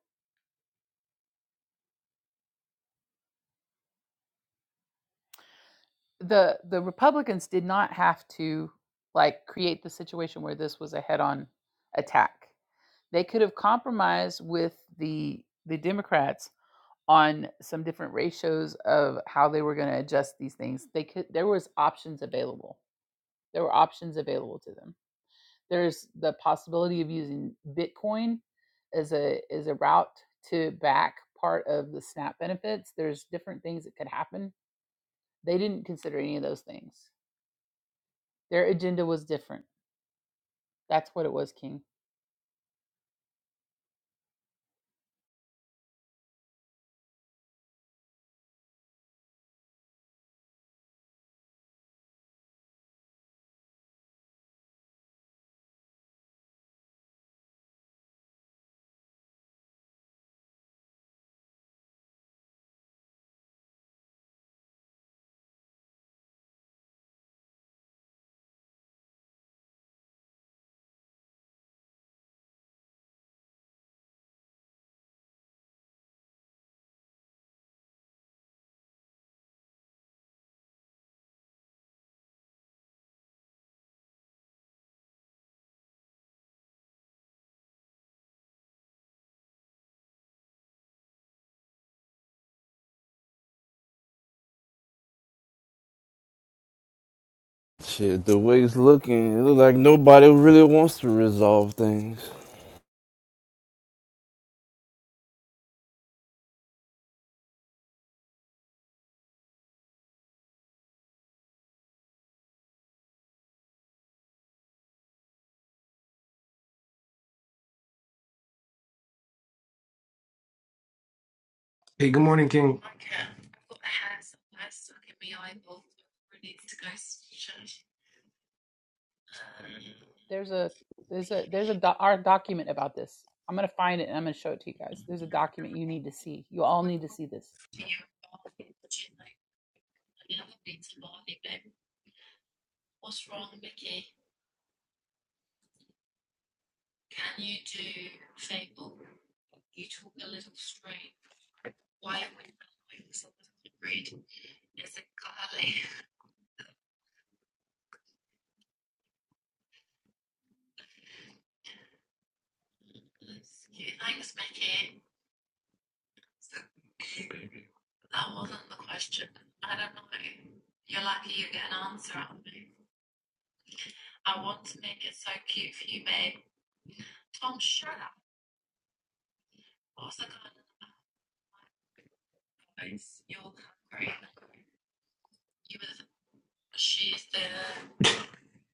S1: the the Republicans did not have to like create the situation where this was a head-on attack. They could have compromised with the the Democrats on some different ratios of how they were going to adjust these things. They could there was options available. There were options available to them. There's the possibility of using Bitcoin as a as a route to back part of the SNAP benefits. There's different things that could happen. They didn't consider any of those things Their agenda was different. That's what it was, King.
S3: Shit, the way it's looking, it look like nobody really wants to resolve things.
S2: Hey, good morning, King.
S1: There's a there's a there's a doc, our document about this. I'm gonna find it and I'm gonna show it to you guys. There's a document you need to see. You all need to see this.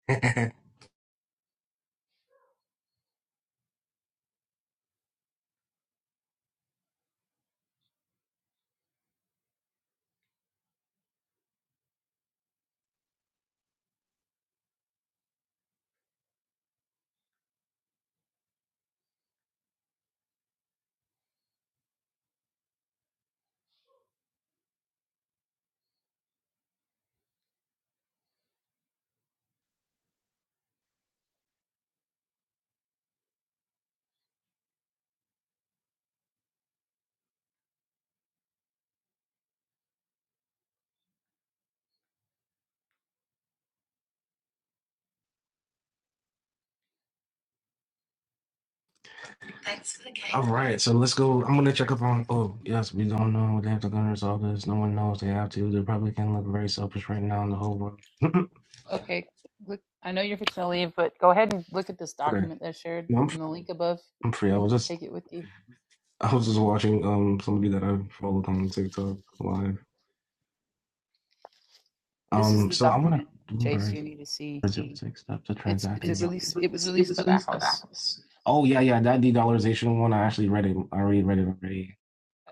S2: All right, so let's go. I'm gonna check up on. Oh, yes, we don't know. They have to gun us all this. No one knows they have to. They probably can look very selfish right now in the whole world.
S1: Okay, look. I know you're fixing to leave, but go ahead and look at this
S2: okay,
S1: document that's shared
S2: no, I'm
S1: in the link above.
S2: I'm free. I was just
S1: Take it with you.
S2: I was just watching um somebody that I followed on TikTok live.
S1: This is
S2: Um,
S1: the
S2: so I'm gonna
S1: document, Chase.
S2: Bloomberg
S1: You need to see.
S2: six step to
S1: It's
S2: transact.
S1: it's a release. It was released by that house,
S2: Oh yeah, yeah, that de-dollarization one. I actually read it. I already read it already.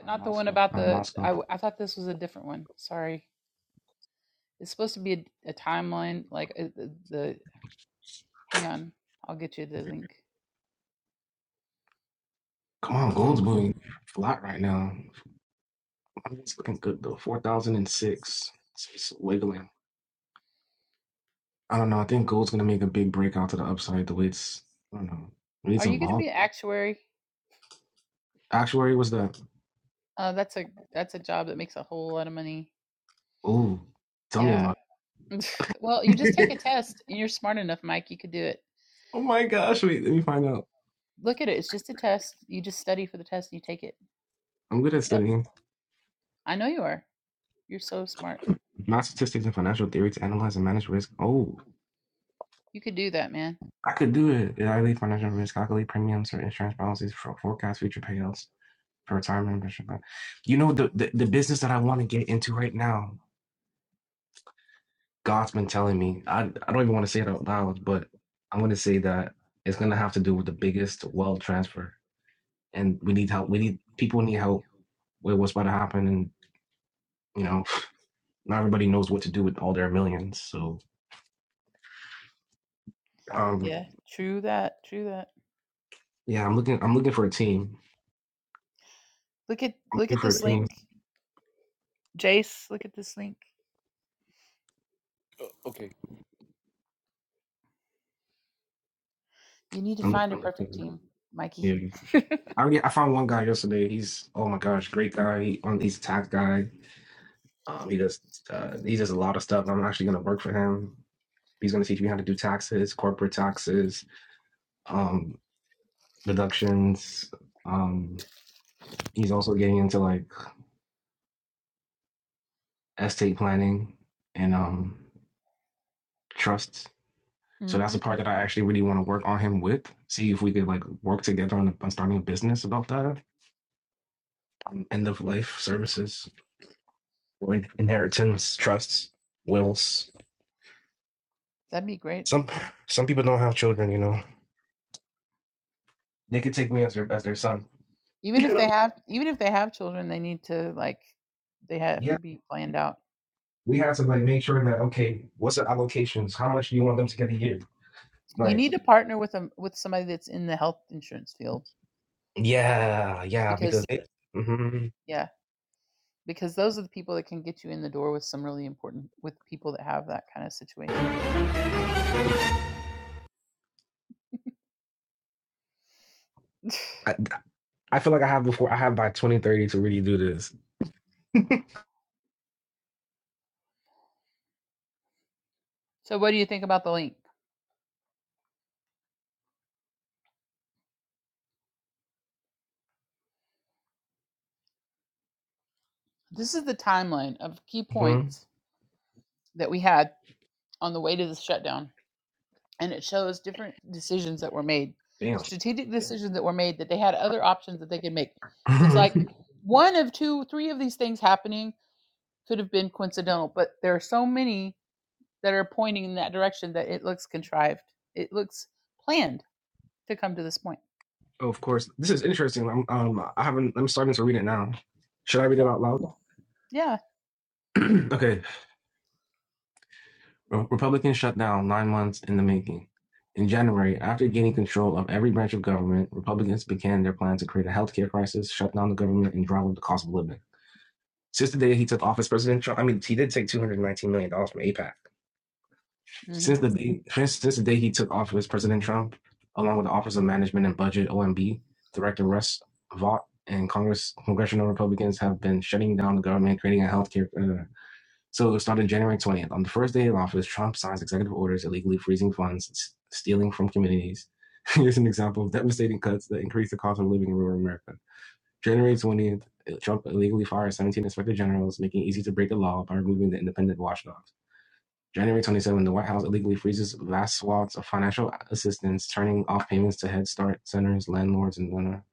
S1: not the one about
S2: on
S1: the. I I
S2: Moscow.
S1: thought this was a different one. Sorry. It's supposed to be a, a timeline, like uh, the, the Hang on, I'll get you the link.
S2: Come on, gold's moving flat right now. It's looking good though. Four thousand and six. It's, wiggling. I don't know. I think gold's gonna make a big breakout to the upside. The way it's, I don't know. We need
S1: Are
S2: some
S1: you going to
S2: vol.
S1: be an actuary?
S2: Actuary what's that?
S1: Uh, that's a that's a job that makes a whole lot of money.
S2: Oh, tell me
S1: Yeah.
S2: about.
S1: well, you just take
S2: It.
S1: a test. and You're smart enough, Mike. You could do it.
S2: oh my gosh! Wait, let me find out.
S1: Look at it. It's just a test. You just study for the test and you take it.
S2: I'm good at
S1: Look it up.
S2: studying
S1: I know you are. You're so smart.
S2: math statistics and financial theory to analyze and manage risk. Oh,
S1: You could do that, man.
S2: I could do it. I leave financial risk. I leave premiums for insurance policies for forecast future payouts for retirement. investment plan. You know, the, the, the business that I want to get into right now, God's been telling me, I, I don't even want to say it out loud, but I'm going to say that it's going to have to do with the biggest wealth transfer. And we need help. We need people need help with what's about to happen. And, you know, not everybody knows what to do with all their millions. So, um,
S1: Yeah. True that. True that.
S2: yeah, I'm looking, I'm looking for a team.
S1: Look at
S2: I'm
S1: look at
S2: looking for a
S1: this
S2: team.
S1: link, Jace. Look at this link. You need to
S2: I'm looking
S1: find a
S2: for a
S1: perfect
S2: team.
S1: team, Mikey.
S2: Yeah. I already I found one guy yesterday. He's oh my gosh, great guy. He, um, he's a tax guy. Um, he does uh, he does a lot of stuff. I'm actually gonna work for him. He's gonna teach me how to do taxes, corporate taxes, um, deductions. Um, he's also getting into like estate planning and um trusts. So that's
S1: hmm
S2: the part that I actually really want to work on him with. See if we could like work together on, on starting a business about that. End of life services, like inheritance, trusts, wills
S1: That'd be great.
S2: Some some people don't have children, you know. They could take me as their as their son.
S1: even if they have even if they have children they need to like they have to
S2: Yeah,
S1: be planned out
S2: we have to like make sure that okay, what's the allocations? How much do you want them to get a year?
S1: you
S2: Like,
S1: need to Mhm. partner with them with somebody that's in the health insurance field
S2: yeah, yeah, because
S1: because
S2: it, hmm
S1: yeah because those are the people that can get you in the door with some really important with people that have that kind of situation
S2: I I feel like I have before. I have by twenty thirty to really do this.
S1: so what do you think about the link this is the timeline of key
S2: Mhm.
S1: points that we had on the way to the shutdown and it shows different decisions that were made
S2: Damn.
S1: strategic decisions that were made that they had other options that they could make it's like one of two three of these things happening could have been coincidental but there are so many that are pointing in that direction that it looks contrived it looks planned to come to this point
S2: Oh, of course. This is interesting. I'm, um, I haven't. I'm starting to read it now. Should I read it
S1: yeah
S2: out loud?
S1: yeah
S2: okay. Republican shutdown nine months in the making. In January, after gaining control of every branch of government, Republicans began their plan to create a healthcare crisis, shut down the government, and drive up the cost of living. Since the day he took office, President Trump, I mean, he did take $219 million dollars from APAC.
S1: hmm
S2: Since the day since, the day he took office, President Trump, along with the Office of Management and Budget (OMB) Director Russ Vought and Congress congressional Republicans have been shutting down the government, creating a healthcare. Uh, so it started January 20th. On the first day of office, Trump signs executive orders illegally freezing funds, s- stealing from communities. Here's an example of devastating cuts that increase the cost of living in rural America. January 20th, Trump illegally fires 17 inspector generals, making it easy to break the law by removing the independent watchdog. January 27, the White House illegally freezes vast swaths of financial assistance, turning off payments to Head Start centers, landlords, and donor.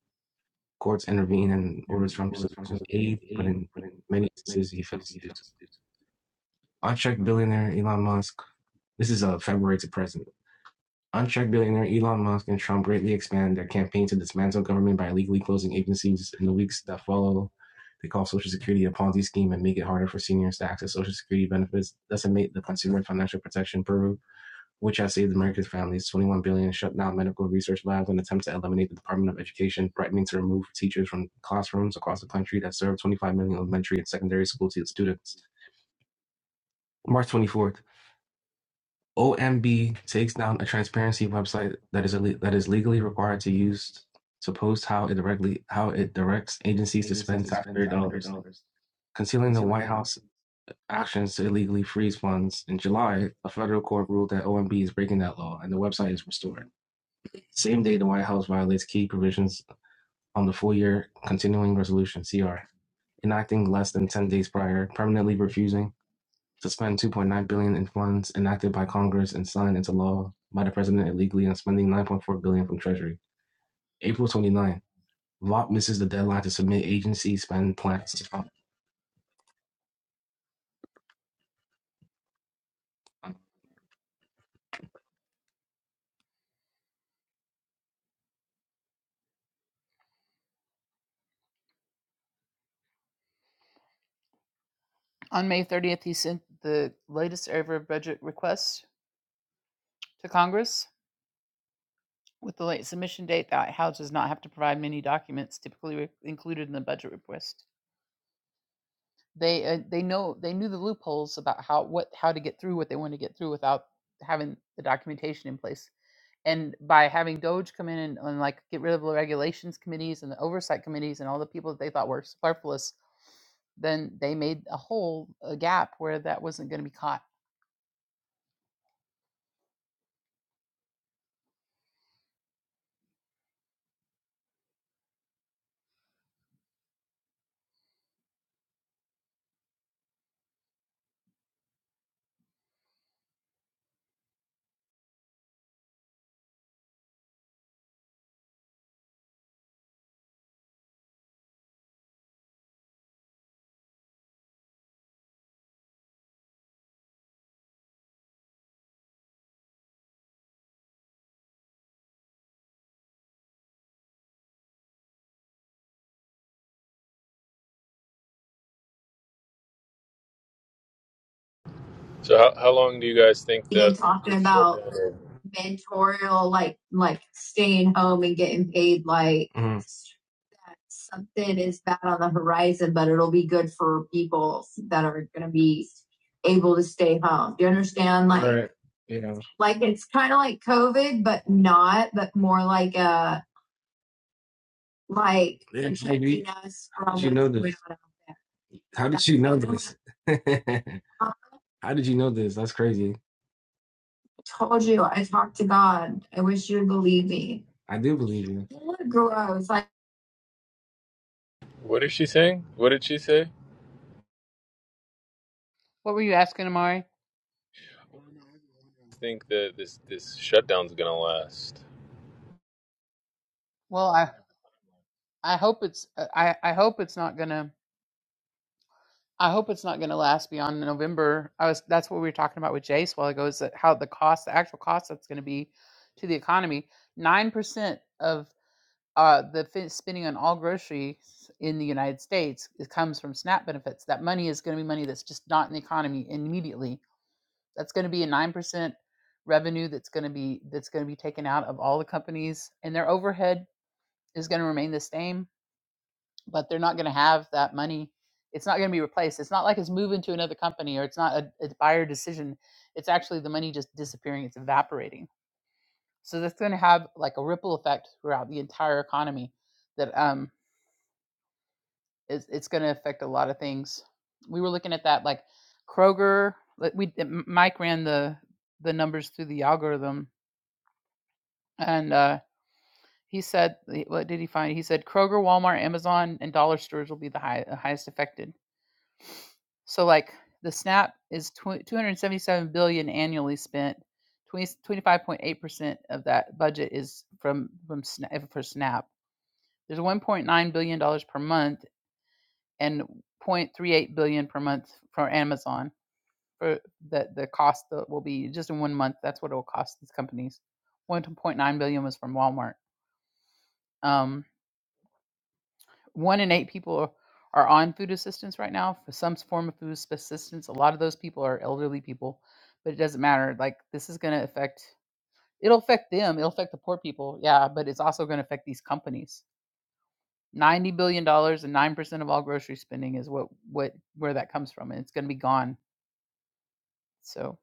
S2: Courts intervene and orders Trump to resume aid, but in many instances, he fails to do so. Unchecked billionaire Elon Musk. This is a February to present. Unchecked billionaire Elon Musk and Trump greatly expand their campaign to dismantle government by illegally closing agencies in the weeks that follow. They call Social Security a Ponzi scheme and make it harder for seniors to access Social Security benefits, decimate the consumer financial protection purview which has saved America's families 21 billion, dollars, shut down medical research labs, and attempt to eliminate the Department of Education, threatening to remove teachers from classrooms across the country that serve 25 million elementary and secondary school students. March 24th, OMB takes down a transparency website that is ille- that is legally required to use to post how it directly how it directs agencies to spend taxpayer dollars, concealing the White House actions to illegally freeze funds. In July, a federal court ruled that OMB is breaking that law, and the website is restored. Same day, the White House violates key provisions on the full year continuing resolution, CR, enacting less than 10 days prior, permanently refusing to spend 2.9 billion dollars in funds enacted by Congress and signed into law by the president illegally and spending 9.4 billion dollars from Treasury. April 29, VOP misses the deadline to submit agency spend plans. to-
S1: on may 30th he sent the latest ever budget request to congress with the late submission date the house does not have to provide many documents typically re- included in the budget request They uh, they know they knew the loopholes about how what how to get through what they wanted to get through without having the documentation in place. And by having Doge come in and, and like get rid of the regulations committees and the oversight committees and all the people that they thought were superfluous, then they made a hole, a gap where that wasn't going to be caught.
S6: So how, how long do you guys think the, the shutdown?
S2: Mhm. Right. Yeah. how did you know this? That's crazy. I do believe you.
S6: What is she saying? What did she say?
S1: What were you asking, Amari?
S6: Think that this this shutdown's gonna last?
S1: Well, I I hope it's uh, I I hope it's not gonna. I hope it's not going to last beyond November. I was that's what we were talking about with Jace a while ago is that how the cost, the actual cost that's going to be to the economy. Nine percent of uh, the fin- spending on all groceries in the United States it comes from SNAP benefits. That money is going to be money that's just not in the economy immediately. That's going to be a nine percent revenue that's going to be that's going to be taken out of all the companies, and their overhead is going to remain the same but they're not going to have that money. It's not going to be replaced. It's not like it's moving to another company or it's not a, a buyer decision. It's actually the money just disappearing. It's evaporating. So that's going to have like a ripple effect throughout the entire economy. That um, is, it's going to affect a lot of things. We were looking at that like Kroger. like, We Mike ran the the numbers through the algorithm, and uh, he said, what did he find? He said Kroger, Walmart, Amazon, and dollar stores will be the high, highest affected So like the SNAP is tw- 277 billion dollars annually spent. 20, 25.8% of that budget is from from for SNAP. There's 1.9 billion dollars per month and 0.38 billion dollars per month for Amazon for the the cost that will be just in one month. That's what it will cost these companies. 1.9 billion dollars was from Walmart. Um, One in eight people are on food assistance right now for some form of food assistance. A lot of those people are elderly people, but it doesn't matter. Like this is going to affect. It'll affect them. It'll affect the poor people. Yeah, but it's also going to affect these companies. Ninety billion dollars and nine percent of all grocery spending is what what where that comes from, and it's going to be gone. So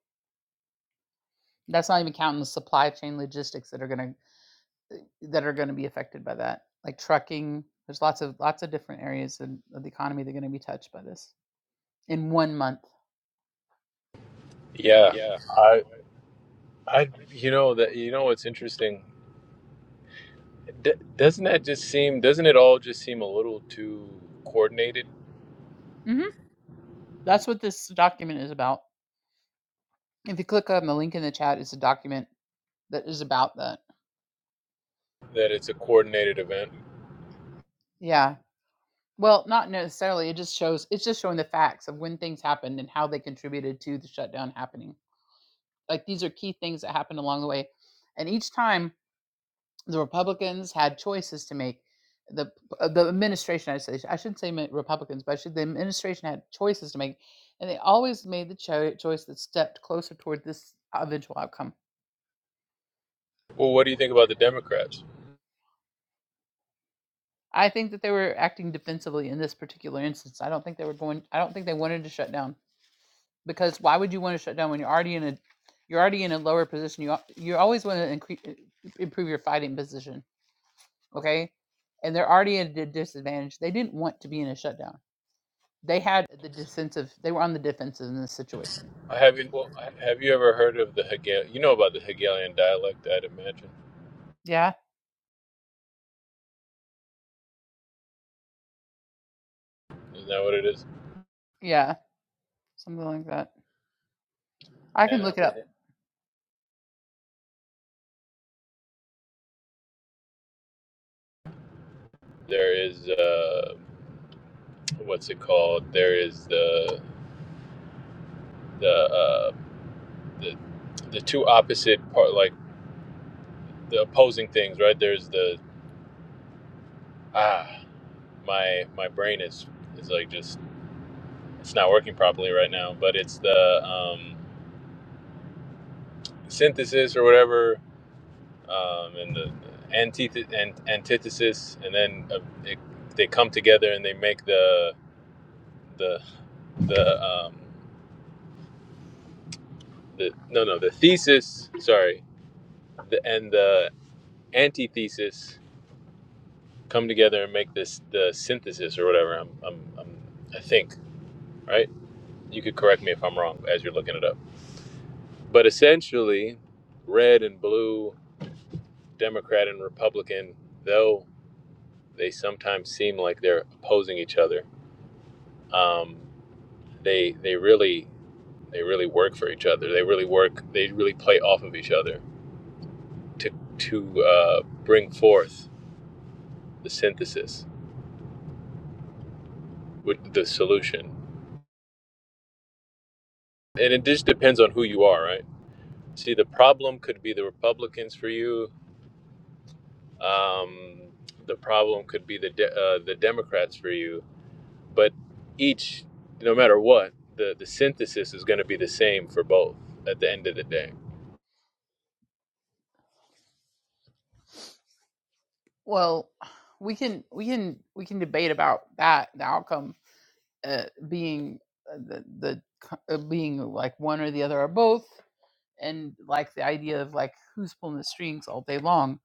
S1: that's not even counting the supply chain logistics that are going to that are going to be affected by that like trucking there's lots of lots of different areas in, of the economy that are going to be touched by this in one month
S6: Yeah, I I you know that you know what's interesting? D- doesn't that just seem? Doesn't it all just seem a little too coordinated?
S1: Mhm. That's what this document is about. If you click on the link in the chat, it's a document that is about that.
S6: That it's a coordinated event.
S1: Yeah. Well, not necessarily. It just shows, it's just showing the facts of when things happened and how they contributed to the shutdown happening. Like these are key things that happened along the way. And each time the Republicans had choices to make, the uh, the administration, I say, I shouldn't say mi- Republicans, but I should, the administration had choices to make. And they always made the cho- choice that stepped closer toward this eventual outcome
S6: Well, what do you think about the Democrats?
S1: I think that they were acting defensively in this particular instance. I don't think they were going. I don't think they wanted to shut down because why would you want to shut down when you're already in a you're already in a lower position. You you always want to increase improve your fighting position. Okay, and they're already at a disadvantage. They didn't want to be in a shutdown. They had the defensive. They were on the defensive in this situation.
S6: I haven't. Have you ever heard of the Hegel? You know about the Hegelian dialect, I'd imagine.
S1: Yeah,
S6: Isn't that what it is?
S1: yeah, something like that. I can look it up.
S6: There is uh, what's it called? There is the the uh, the the two opposite part, like the opposing things, right? There's the ah, my my brain is is like just it's not working properly right now, but it's the um, synthesis or whatever, um, and the antith and antithesis, and then uh, it, they come together and they make the the the um, the no no the thesis. Sorry, the and the antithesis come together and make this the synthesis or whatever. I'm, I'm, I'm I think right. You could correct me if I'm wrong as you're looking it up. But essentially, red and blue, Democrat and Republican, though they sometimes seem like they're opposing each other, um, they they really they really work for each other. They really work. They really play off of each other to to uh, bring forth the synthesis with the solution. And it just depends on who you are, right? See, the problem could be the Republicans for you. Um, the problem could be the de- uh, the Democrats for you. But each, no matter what, the the synthesis is going to be the same for both at the end of the day.
S1: Well, we can we can we can debate about that the outcome uh, being uh, the, the uh, being like one or the other or both and like the idea of like who's pulling the strings all day long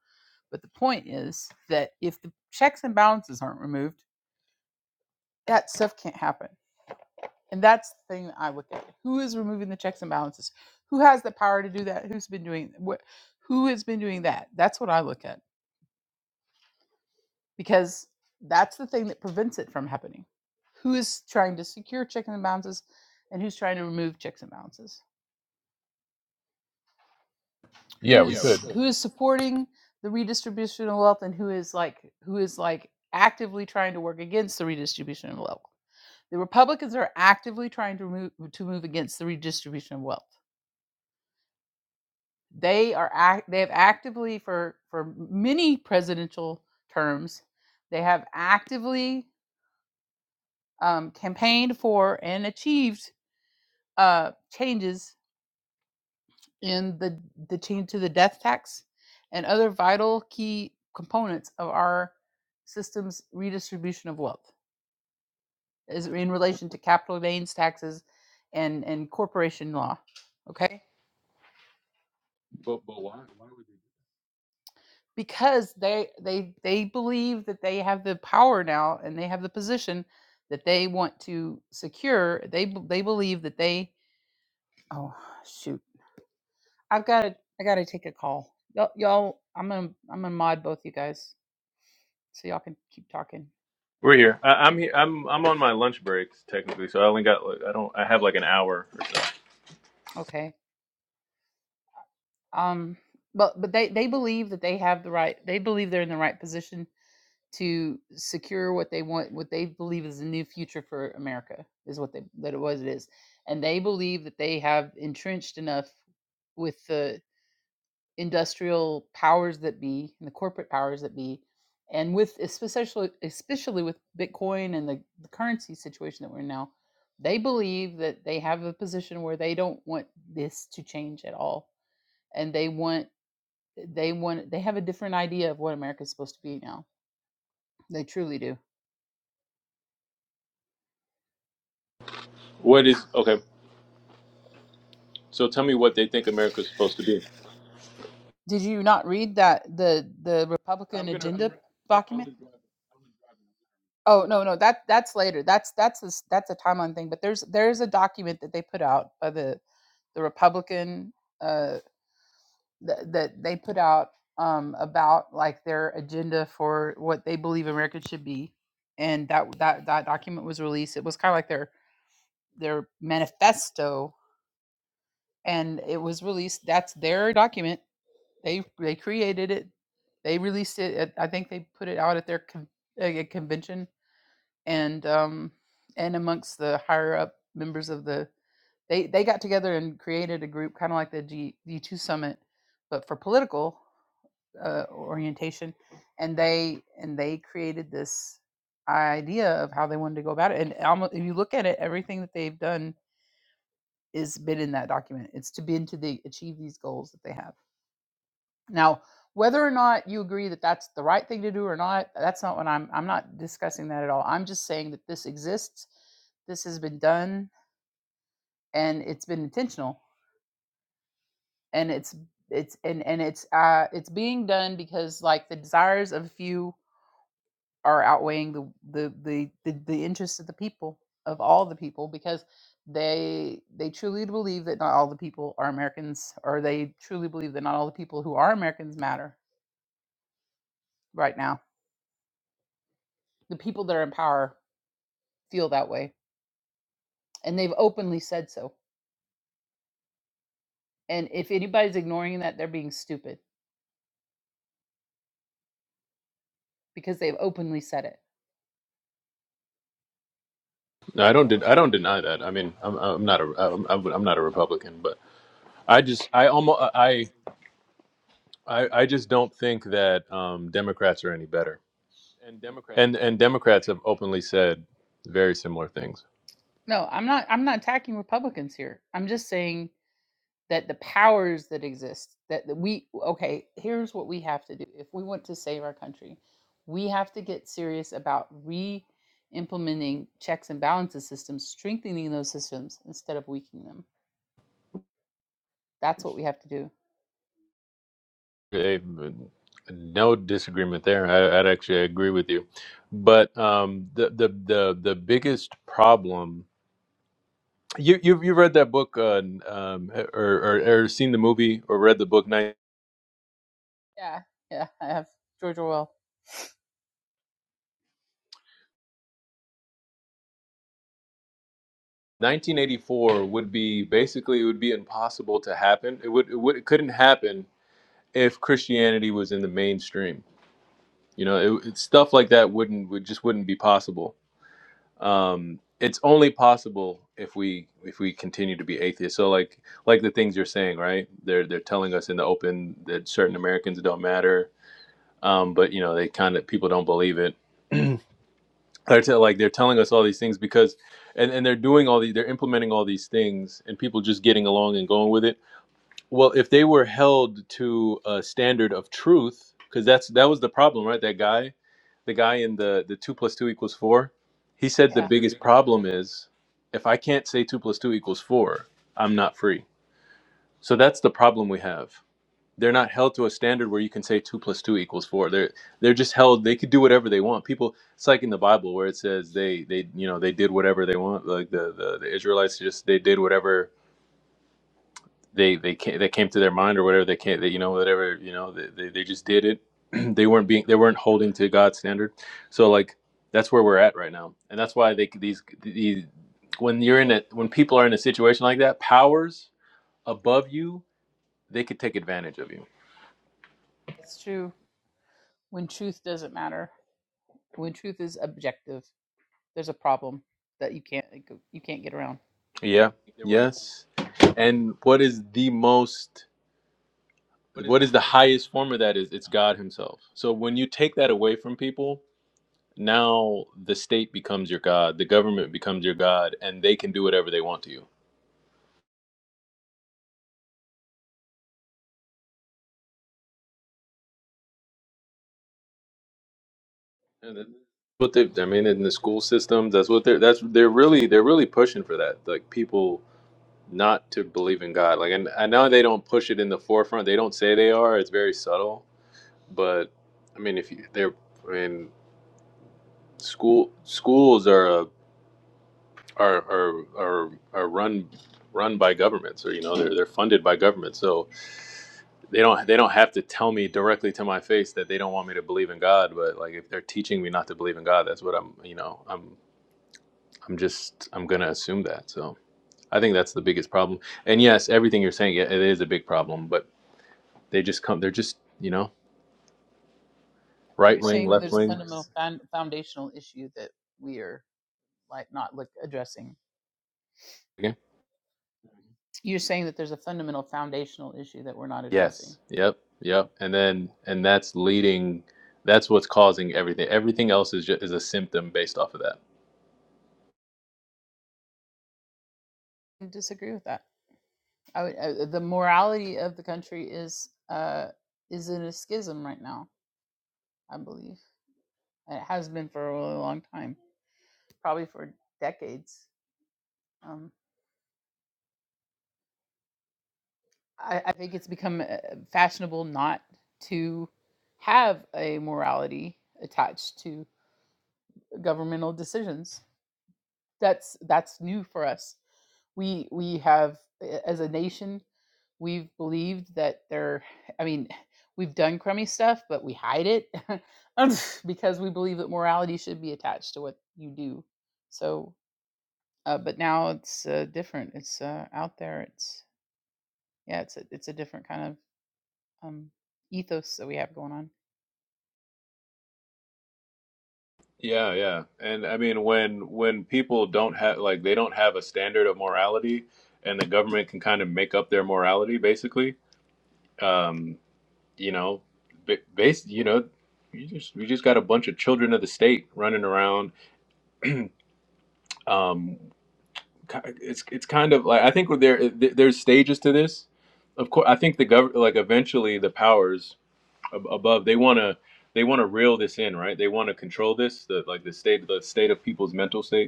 S1: but the point is that if the checks and balances aren't removed that stuff can't happen and that's the thing that i look at who is removing the checks and balances who has the power to do that who's been doing what who has been doing that that's what i look at because that's the thing that prevents it from happening who is trying to secure checks and balances and who's trying to remove checks and balances Yeah,
S6: Yeah, we
S1: who's
S6: could.
S1: could. who is supporting the redistribution of wealth and who is like who is like actively trying to work against the redistribution of wealth. The Republicans are actively trying to move to move against the redistribution of wealth. They are act, they have actively for for many presidential terms, they have actively um, campaigned for and achieved uh, changes in the, the change to the death tax and other vital key components of our system's redistribution of wealth is in relation to capital gains taxes and, and corporation law. Okay? Because they they they believe that they have the power now and they have the position that they want to secure. They they believe that they oh shoot. I've got to I got to take a call. Y'all, y'all I'm going to I'm going to mod both you guys so y'all can keep talking.
S6: We're here. I, I'm here. I'm I'm on my lunch breaks technically, so I only got like I don't I have like an hour.
S1: Okay. Um but but they they believe that they have the right they believe they're in the right position to secure what they want what they believe is the new future for America is what they that it was it is. And they believe that they have entrenched enough with the industrial powers that be and the corporate powers that be and with especially especially with Bitcoin and the, the currency situation that we're in now, they believe that they have a position where they don't want this to change at all and they want They want they have a different idea of what America's supposed to be now. They truly do.
S6: What is okay? So tell me what they think America's supposed to be.
S1: Did you not read that the the Republican agenda i I'll document? I'm Oh no no that that's later. That's that's a, s- that's a timeline thing. But there's there's a document that they put out by the the Republican uh, that that they put out um, about like their agenda for what they believe America should be, and that that that document was released. It was kind of like their their manifesto and it was released. That's their document. They they created it. They released it. At, I think they put it out at their con- uh, uh, convention and um and amongst the higher up members of the they they got together and created a group kind of like the G G two summit, but for political uh, orientation, and they and they created this idea of how they wanted to go about it. And almost if you look at it, everything that they've done is been in that document. It's to be into the achieve these goals that they have Now, whether or not you agree that that's the right thing to do or not, that's not what I'm I'm not discussing that at all. I'm just saying that this exists. This has been done and it's been intentional and it's it's and and it's uh it's being done because like the desires of few are outweighing the the the the, the interests of the people of all the people because they they truly believe that not all the people are Americans or they truly believe that not all the people who are Americans matter right now the people that are in power feel that way. And they've openly said so. And if anybody's ignoring that, they're being stupid because they've openly said it.
S6: No, I don't. De- I don't deny that. I mean, I'm I'm not a I'm I'm I'm not a Republican, but I just I almost I. I, I just don't think that um, Democrats are any better. And and Democrats have openly said very similar things.
S1: No, I'm not I'm not attacking Republicans here. I'm just saying that the powers that exist that we okay, here's what we have to do if we want to save our country. We have to get serious about re implementing checks and balances systems, strengthening those systems instead of weakening them. That's what we have to do.
S6: Eh, no disagreement there. I, I'd actually agree with you. But um, the, the the the biggest problem you you've, you read that book uh, um, eh, or, or or seen the movie or read the book. nine
S1: Yeah. Yeah, I have George Orwell.
S6: nineteen eighty four would be basically it would be impossible to happen. It would it, would, it couldn't happen if Christianity was in the mainstream You know, it, it's stuff like that wouldn't would just wouldn't be possible. Um, it's only possible if we if we continue to be atheists. So like like the things you're saying, right? They're they're telling us in the open that certain Americans don't matter, um, but you know they kind of people don't believe it. They're tell, like they're telling us all these things because, and, and they're doing all these, they're implementing all these things, and people just getting along and going with it well, if they were held to a standard of truth, because that's that was the problem, right? That guy, the guy in the the two plus two equals four, he
S1: He
S6: said
S1: yeah.
S6: the
S1: said the
S6: biggest
S1: biggest
S6: problem
S1: problem.
S6: is if I can't say two plus two equals four, I'm not free. So that's the problem we have. They're not held to a standard where you can say two plus two equals four. They're they're just held. They could do whatever they want. People, it's like in the Bible where it says they they you know they did whatever they want. Like the the, the Israelites just they did whatever they they came, that came to their mind or whatever they came, they, you know, whatever, you know, they, they, they just did it. they weren't being, they weren't holding to God's standard. So like, that's where we're at right now. And that's why they, these, these, when you're in it, when people are in a situation like that, powers above you, they could take advantage of you.
S1: That's true. when truth doesn't matter when truth is objective there's a problem that you can't like, you can't get around
S6: Yeah. Yes. And what is the most, what is the highest form of that is it's God himself. So when you take that away from people, now the state becomes your god, the government becomes your god, and they can do whatever they want to you. But they, I mean, in the school systems, that's what they're that's they're really they're really pushing for that. Like people not to believe in God. Like, and I know they don't push it in the forefront. They don't say they are. It's very subtle. But I mean, if you, they're, I mean, school schools are a, are, are are are run run by governments, or you know, they're they're funded by government. So they don't they don't have to tell me directly to my face that they don't want me to believe in God, but like if they're teaching me not to believe in God, that's what I'm you know I'm I'm just I'm gonna assume that. So I think that's the biggest problem. And yes, everything you're saying yeah, it is a big problem, but they just come they're just you know right
S1: you're
S6: wing,
S1: saying that
S6: left
S1: there's a
S6: wing.
S1: fundamental found, foundational issue that we are like not like addressing
S6: Again?
S1: you're saying that there's a fundamental foundational issue that we're not addressing
S6: Yes. Yep.
S1: you
S6: Yep. And then and that's leading. That's what's causing everything. Everything else is just is a symptom based off of that.
S1: i disagree with that I would, uh, the morality of the country is uh is in a schism right now i believe and it has been for a really long time probably for decades Um, I, I think it's become uh, fashionable not to have a morality attached to governmental decisions. That's that's new for us. We we have uh, as a nation we've believed that there. I mean, we've done crummy stuff, but we hide it because we believe that morality should be attached to what you do. So, uh, but now it's uh, different. It's uh, out there. It's yeah. It's a, it's a different kind of um, ethos that we have going on.
S6: Yeah, yeah. And I mean when when people don't have like they don't have a standard of morality and the government can kind of make up their morality basically. Um, you know, ba- base you know, you just we just got a bunch of children of the state running around. Um ki- it's it's kind of like I think there there- there's stages to this. Of course, I think the government like eventually the powers ab- above they want to they want to reel this in, right? They want to control this, the like the state the state of people's mental state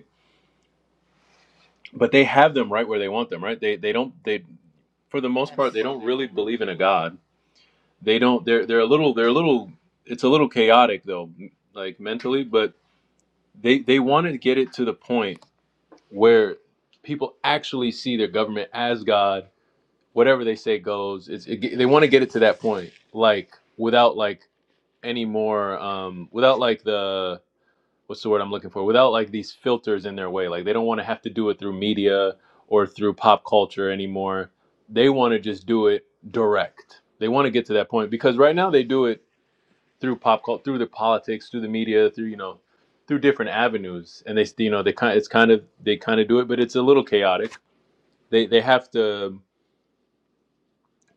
S6: but they have them right where they want them right they they don't they for the most part
S1: Yes.
S6: they don't really believe in a god they don't they're they're a little they're a little it's a little chaotic though like mentally but they they want to get it to the point where people actually see their government as god whatever they say goes it's, it, they want to get it to that point like without like any more um without like the what's the word I'm looking for? Without like these filters in their way. Like they don't want to have to do it through media or through pop culture anymore. They want to just do it direct. They want to get to that point because right now they do it through pop culture, through the politics, through the media, through you know, through different avenues. And they you know they kind it's kind of they kind of do it, but it's a little chaotic. They they have to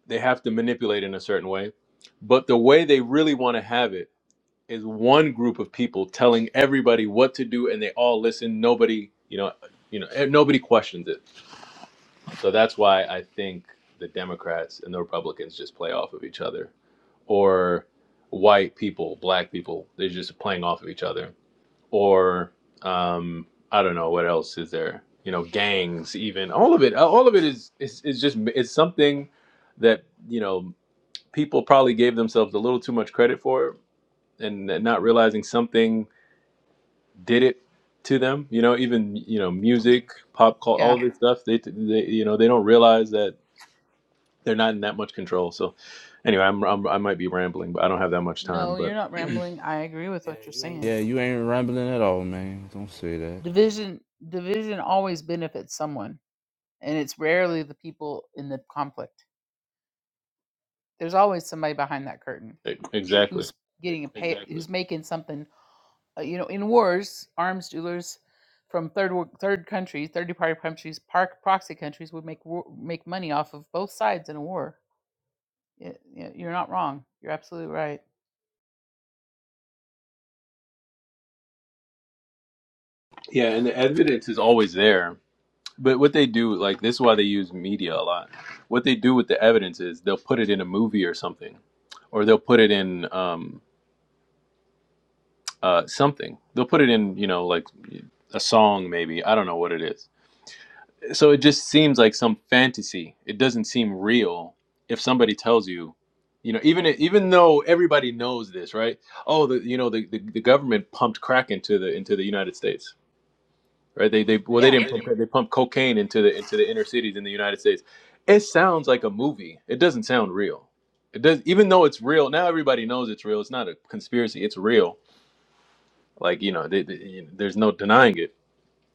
S6: they have to manipulate in a certain way, but the way they really want to have it is one group of people telling everybody what to do and they all listen nobody you know you know eh, nobody questions it so that's why i think the democrats and the republicans just play off of each other or white people black people they're just playing off of each other or um i don't know what else is there you know gangs even all of it uh, all of it is is, is just it's something that you know people probably gave themselves a little too much credit for and not realizing something did it to them. You know, even you know, music, pop, call,
S1: Yeah.
S6: all this stuff. They, they, you know, they don't realize that they're not in that much control. So, anyway, I'm, I'm I might be rambling, but I don't have that much time.
S1: No, you're
S6: But
S1: not rambling. I agree with what you're saying.
S3: Yeah, you ain't rambling at all, man. Don't say that.
S1: Division division always benefits someone, and it's rarely the people in the conflict. There's always somebody behind that curtain
S6: e- exactly,
S1: who's getting a pay, who's making something uh, you know, in wars, arms dealers from third wor- third countries, third party countries, park proxy countries would make war, make money off of both sides in a war. Y- y- You're not wrong. You're absolutely right.
S6: yeah, and the evidence is always there. But what they do, like this, is why they use media a lot. What they do with the evidence is they'll put it in a movie or something, or they'll put it in um, uh, something. They'll put it in, you know, like a song maybe. I don't know what it is So it just seems like some fantasy. It doesn't seem real if somebody tells you, you know, even even though everybody knows this, right? Oh, the you know the, the, the government pumped crack into the into the United States, right? They they well they
S1: Yeah,
S6: didn't pump crack, they pumped cocaine into the into the inner cities in the United States. It sounds like a movie. It doesn't sound real. It does even though it's real. Now everybody knows it's real. It's not a conspiracy. It's real. Like you know, they, they, there's no denying it.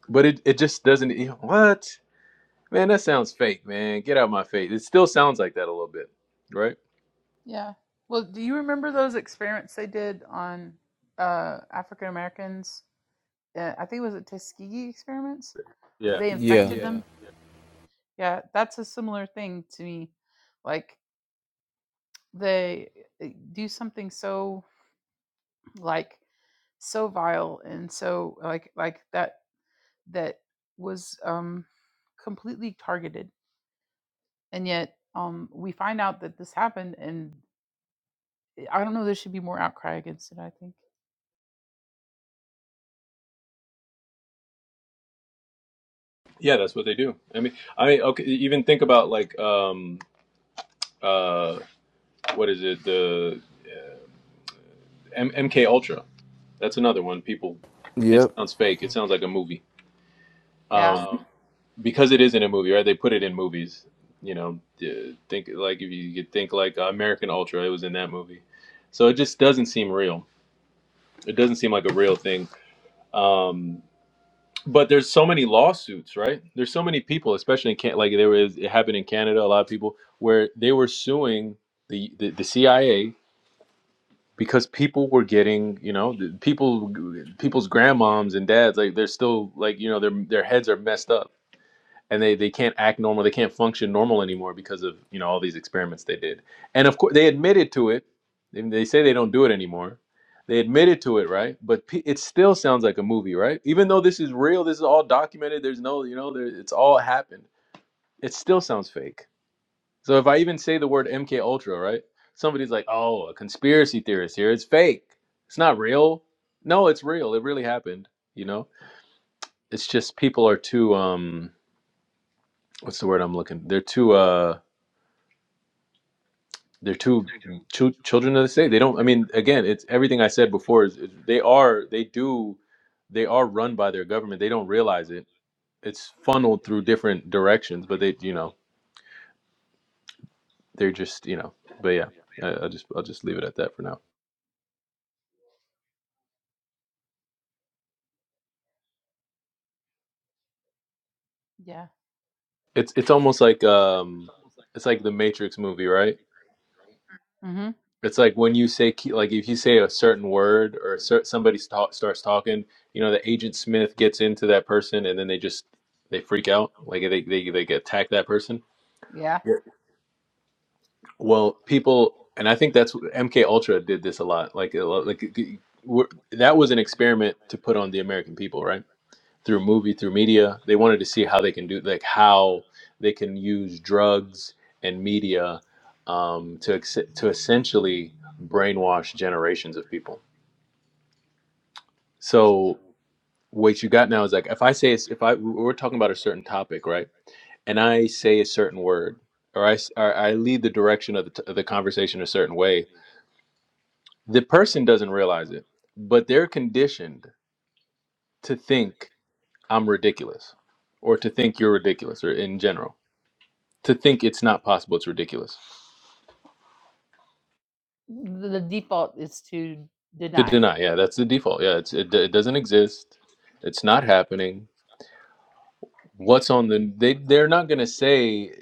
S6: But it, it just doesn't. You know, what? Man, that sounds fake, man. Get out my face. It still sounds like that a little bit, right?
S1: yeah. Well, do you remember those experiments they did on uh, African Americans? Uh, I think it was a Tuskegee experiments where
S6: Yeah.
S1: they
S3: Yeah.
S1: infected them. Yeah, that's a similar thing to me. Like they uh, do something so like so vile and so like like that that was um completely targeted and yet um we find out that this happened and i don't know there should be more outcry against it i think
S6: Yeah, that's what they do. I mean, I mean, okay, e-, even think about like um uh what is it? The M- MK Ultra. That's another one. People it
S3: Yep.
S6: sounds fake. It sounds like a movie.
S1: yeah
S6: Um because it isn't a movie, right? They put it in movies. You know, d- think like if you could think like uh, American Ultra, it was in that movie. So it just doesn't seem real. It doesn't seem like a real thing. Um But there's so many lawsuits, right? There's so many people, especially in can like there was it happened in Canada, a lot of people where they were suing the the, the CIA because people were getting, you know, the people people's grandmoms and dads like they're still like, you know, their their heads are messed up and they they can't act normal they can't function normal anymore because of you know all these experiments they did and of course they admitted to it and they say they don't do it anymore they admitted to it right but pe- it still sounds like a movie right even though this is real this is all documented there's no you know there, it's all happened it still sounds fake so if i even say the word mk ultra right somebody's like oh a conspiracy theorist here it's fake it's not real no it's real it really happened you know it's just people are too um what's the word i'm looking they're too uh they're two, two children of the state. They don't. I mean, again, it's everything I said before. Is, is they are they do they are run by their government. They don't realize it. It's funneled through different directions, but they you know they're just you know. But yeah, I, I'll just I'll just leave it at that for now.
S1: yeah
S6: It's it's almost like um it's like the Matrix movie, right?
S1: mm-hmm
S6: It's like when you say key- like if you say a certain word or a cer- somebody sta- starts talking, you know, the agent Smith gets into that person and then they just they freak out, like they they they attack that person
S1: yeah
S6: Yeah. Well, people, and I think that's MK Ultra did this a lot. Like, a lot- like we're, that was an experiment to put on the American people, right? Through movie, through media, they wanted to see how they can do, like, how they can use drugs and media um, to ex- to essentially brainwash generations of people. So what you got now is like, if I say, it's- if I we're talking about a certain topic, right? And I say a certain word, or I s- or I lead the direction of the, t- of the conversation a certain way The person doesn't realize it, but they're conditioned to think I'm ridiculous or to think you're ridiculous or in general to think it's not possible it's ridiculous.
S1: the, the default is to
S6: To
S1: deny
S6: deny, yeah, that's the default. Yeah, it's it, it doesn't exist. It's not happening. What's on the they they're not going to say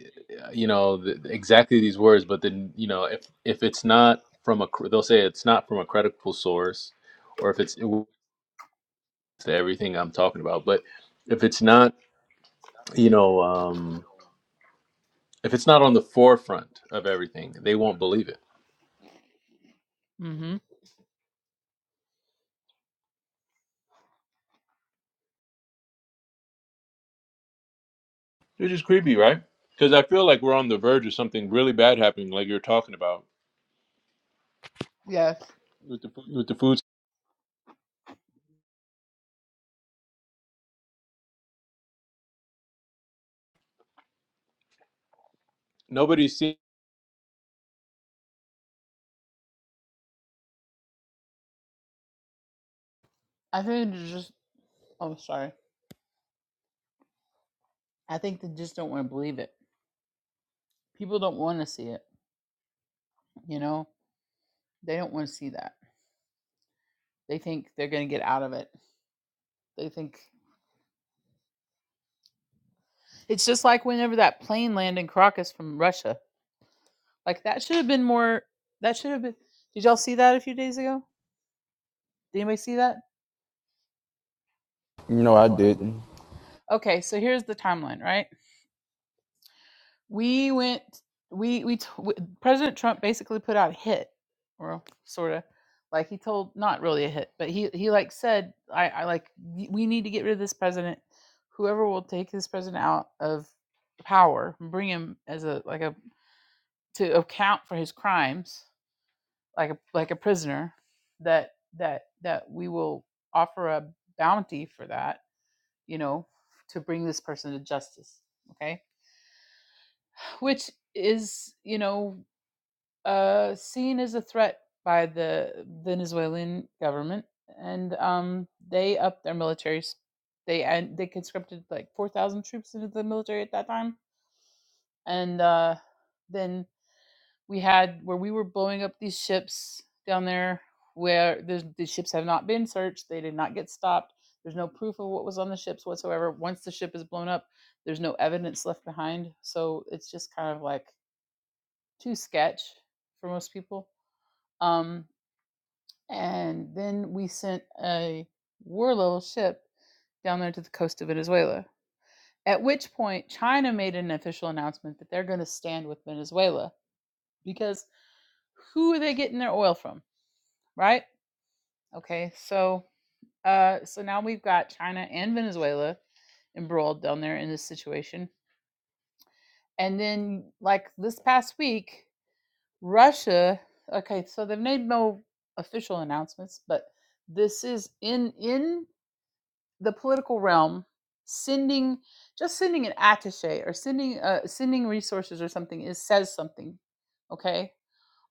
S6: uh, you know the, exactly these words but then you know if if it's not from a cr- they'll say it's not from a credible source or if it's it, w- to everything I'm talking about but if it's not you know um If it's not on the forefront of everything, they won't believe it.
S1: mm-hmm
S6: Which is creepy, right? Because I feel like we're on the verge of something really bad happening, like you're talking about
S1: yes
S6: with the foods. Nobody's seen
S1: i think it's just i'm sorry i think they just don't want to believe it people don't want to see it you know they don't want to see that they think they're going to get out of it they think It's just like whenever that plane landed in Caracas from Russia. Like that should have been more. That should have been. Did y'all see that a few days ago? Did anybody see that?
S3: No, I didn't.
S1: Okay, so here's the timeline. Right, we went. We we, t- w President Trump basically put out a hit, or sort of, like he told not really a hit, but he he like said I I like "Y- we need to get rid of this president. Whoever will take this president out of power, bring him as a like a to account for his crimes like a like a prisoner that that that we will offer a bounty for that you know to bring this person to justice okay which is you know uh seen as a threat by the venezuelan government and um they upped their militaries they and they conscripted like 4000 troops into the military at that time and uh then we had where we were blowing up these ships down there where the, the ships have not been searched they did not get stopped there's no proof of what was on the ships whatsoever once the ship is blown up there's no evidence left behind so it's just kind of like too sketch for most people um, and then we sent a war level ship down there to the coast of venezuela at which point china made an official announcement that they're going to stand with venezuela because who are they getting their oil from right? Okay, so uh, so now we've got China and Venezuela embroiled down there in this situation, and then like this past week, Russia. Okay, so they've made no official announcements, but this is in in the political realm. Sending just sending an attaché or sending uh, sending resources or something is says something, okay,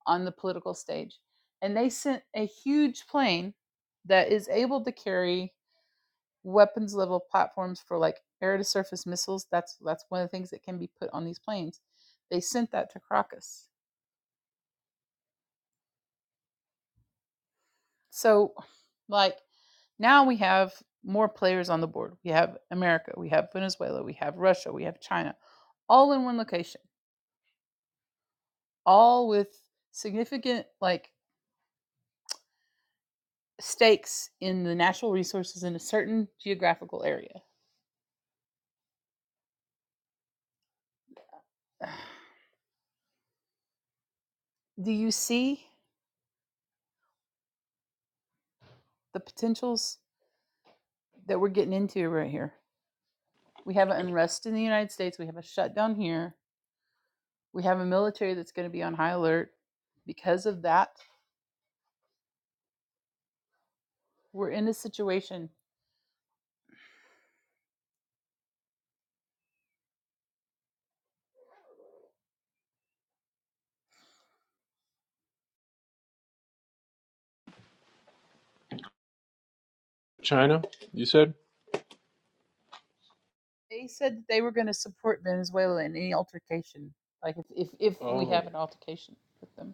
S1: on the political stage, and they sent a huge plane that is able to carry weapons level platforms for like air to surface missiles. That's that's one of the things that can be put on these planes. They sent that to Caracas. So like now we have more players on the board. We have America, we have Venezuela, we have Russia, we have China, all in one location, all with significant like stakes in the natural resources in a certain geographical area. Do you see the potentials that we're getting into right here? We have an unrest in the United States. We have a shutdown here. We have a military that's going to be on high alert. Because of that, we're in a situation.
S6: China, you said?
S1: They said that they were going to support Venezuela in any altercation, like if, if, if oh. we have Oh, an altercation with them.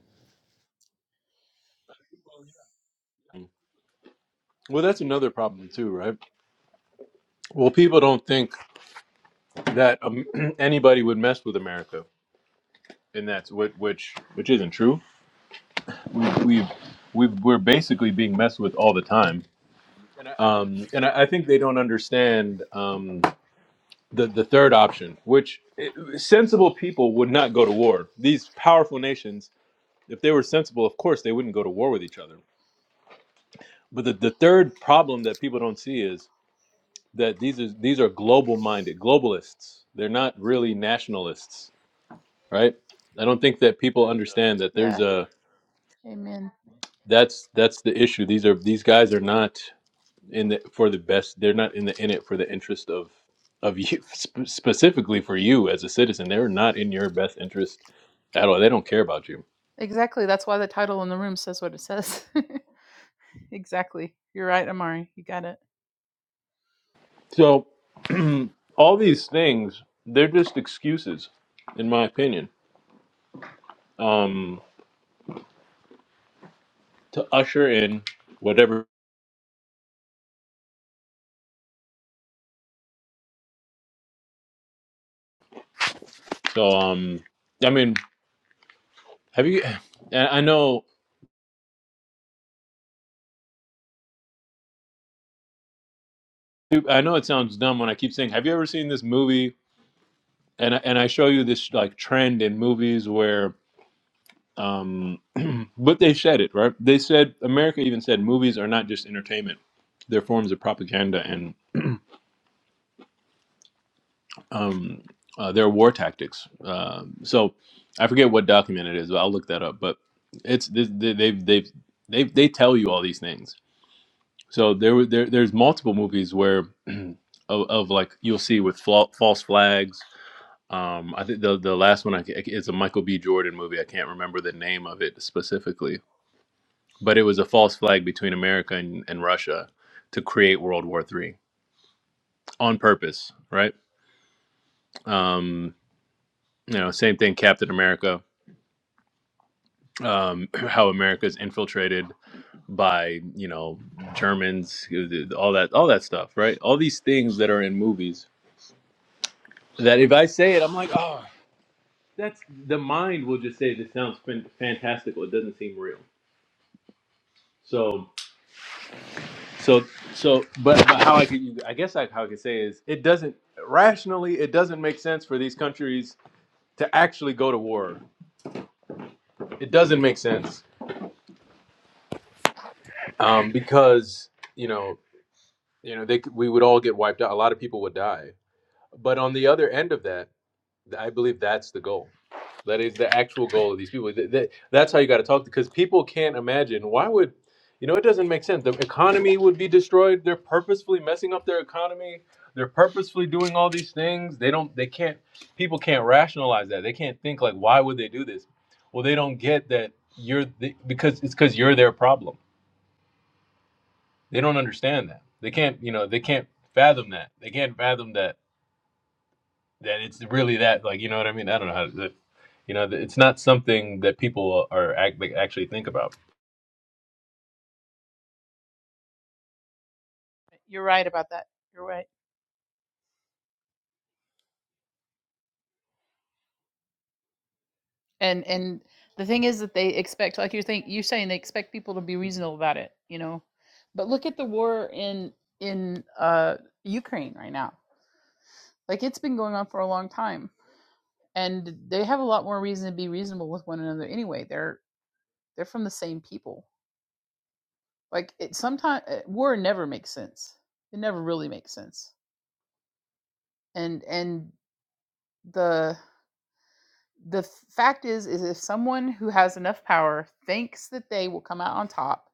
S6: Well, that's another problem, too, right? Well, people don't think that um, anybody would mess with America. And that's what, which, which isn't true. We, we've, we've, we're basically being messed with all the time. Um, and I, I think they don't understand. Um, the the third option, which eh, sensible people would not go to war. These powerful nations, if they were sensible, of course they wouldn't go to war with each other. But the, the third problem that people don't see is that these are these are global minded globalists. They're not really nationalists, right? I don't think that people understand that there's
S1: Yeah,
S6: a
S1: amen.
S6: that's that's the issue. These are these guys are not in the for the best. They're not in the in it for the interest of of you sp- specifically for you as a citizen. They're not in your best interest at all. They don't care about you.
S1: Exactly. That's why the title in the room says what it says. exactly. You're right, Amari. You got it.
S6: So all these things, they're just excuses, in my opinion, um, to usher in whatever. So um, I mean, have you? and I know, I know it sounds dumb when I keep saying, have you ever seen this movie? And I, and I show you this like trend in movies where, um, but they said it right. They said America even said movies are not just entertainment; they're forms of propaganda and. um, uh, their war tactics. Um, so I forget what document it is, but I'll look that up. But it's they, they- they've they've they they tell you all these things. So there were- there there's multiple movies where of, of like you'll see with fla- false flags. Um, I think the the last one I ca- it's a Michael B. Jordan movie. I can't remember the name of it specifically, but it was a false flag between America and, and Russia to create World War Three on purpose, right? Um, you know, same thing. Captain America um, how America is infiltrated by you know Germans, all that, all that stuff, right? All these things that are in movies. That if I say it, I'm like, oh, that's the mind will just say this sounds fan- fantastical. It doesn't seem real. So, so, so, but, but how I could, I guess I, how I could say is, it doesn't rationally, it doesn't make sense for these countries to actually go to war. It doesn't make sense um, because you know, you know, they c- we would all get wiped out. A lot of people would die But on the other end of that, I believe that's the goal. That is the actual goal of these people. Th- th- That's how you got to talk because people can't imagine why would you know it doesn't make sense. The economy would be destroyed. They're purposefully messing up their economy. They're purposefully doing all these things. They don't. They can't. People can't rationalize that. They can't think like why would they do this? Well, they don't get that you're the, because it's because you're their problem. They don't understand that. They can't. You know. They can't fathom that. They can't fathom that that it's really that like you know what I mean. I don't know how to, you know it's not something that people are act, like, actually think about.
S1: You're right about that. You're right. and and the thing is that they expect like you think you're saying they expect people to be reasonable about it you know but look at the war in in uh ukraine right now like it's been going on for a long time and they have a lot more reason to be reasonable with one another anyway they're they're from the same people like it sometimes war never makes sense it never really makes sense and and the the fact is is if someone who has enough power thinks that they will come out on top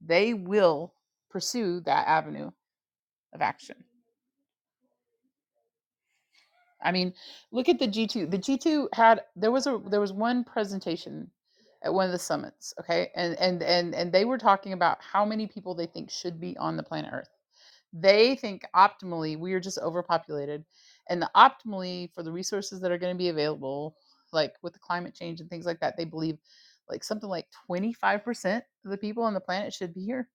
S1: they will pursue that avenue of action i mean look at the g2 the g2 had there was a there was one presentation at one of the summits okay and and and and they were talking about how many people they think should be on the planet earth They think optimally we are just overpopulated, and the optimally for the resources that are going to be available, like with the climate change and things like that, they believe like something like 25% of the people on the planet should be here.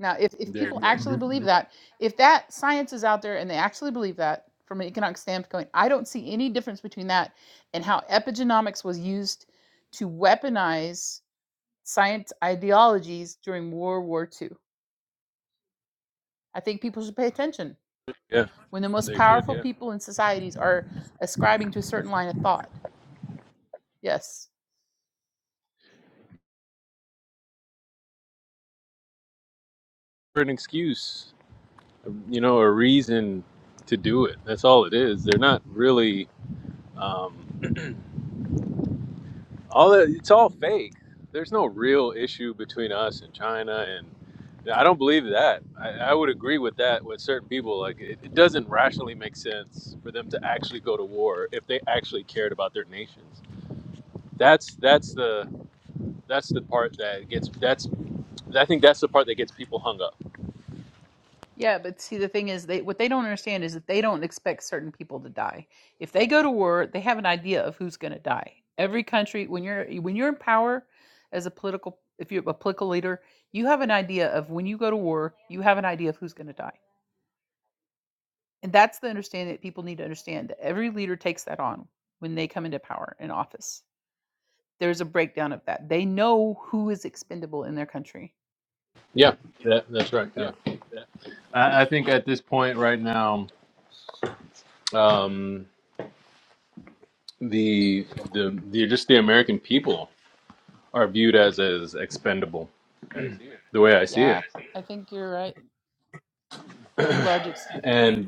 S1: Now, if, if
S6: They're
S1: people Yeah. actually
S6: Mhm.
S1: believe that, if that science is out there and they actually believe that from an economic standpoint, I don't see any difference between that and how epigenomics was used to weaponize science ideologies during World War II. I think people should pay attention.
S6: yeah
S1: when the most powerful did, people in societies are ascribing to a certain line of thought. Yes.
S6: for an excuse, you know, a reason to do it. That's all it is. They're not really um, all that. It's all fake. There's no real issue between us and China, and I don't believe that. I, I would agree with that with certain people. Like it, it doesn't rationally make sense for them to actually go to war if they actually cared about their nations. That's that's the That's the part that gets that's I think that's the part that gets people hung up.
S1: Yeah, but see the thing is they what they don't understand is that they don't expect certain people to die. If they go to war, they have an idea of who's going to die. Every country when you're when you're in power as a political if you're a political leader, you have an idea of when you go to war, you have an idea of who's going to die. And that's the understanding that people need to understand that every leader takes that on when they come into power in office. There's a breakdown of that. They know who is expendable in their country
S6: Yeah, that, that's right. Yeah. I, I think at this point right now, um, the, the the just the American people are viewed as as expendable. The way I see it,
S1: Yeah, I think you're right to a large extent. that
S6: and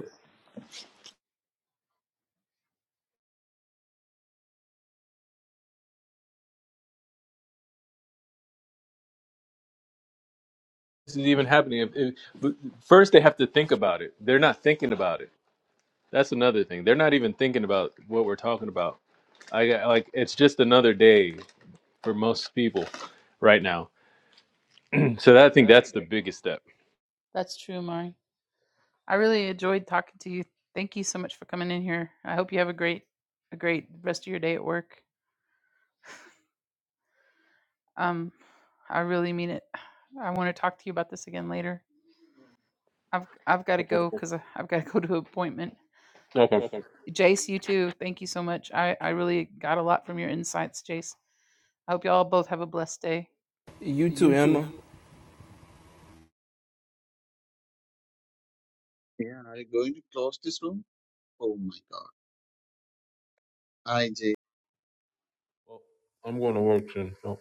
S6: this is even happening. If, if, but first, they have to think about it. They're not thinking about it. That's another thing. They're not even thinking about what we're talking about. I got- like it's just another day for most people right now. So that, I think that's the biggest step
S1: That's true, Mari. I really enjoyed talking to you. Thank you so much for coming in here. I hope you have a great, a great rest of your day at work. Um, I really mean it. I want to talk to you about this again later. I've I've got to
S6: Okay.
S1: go because I've got to go to an appointment.
S6: Okay.
S1: Jace, you too. Thank you so much. I I really got a lot from your insights, Jace. I hope y'all both have a blessed day.
S3: You too, Emma.
S7: Yeah, are you going to close this room? Oh my God. I J.
S6: Well, I'm going to work soon. So.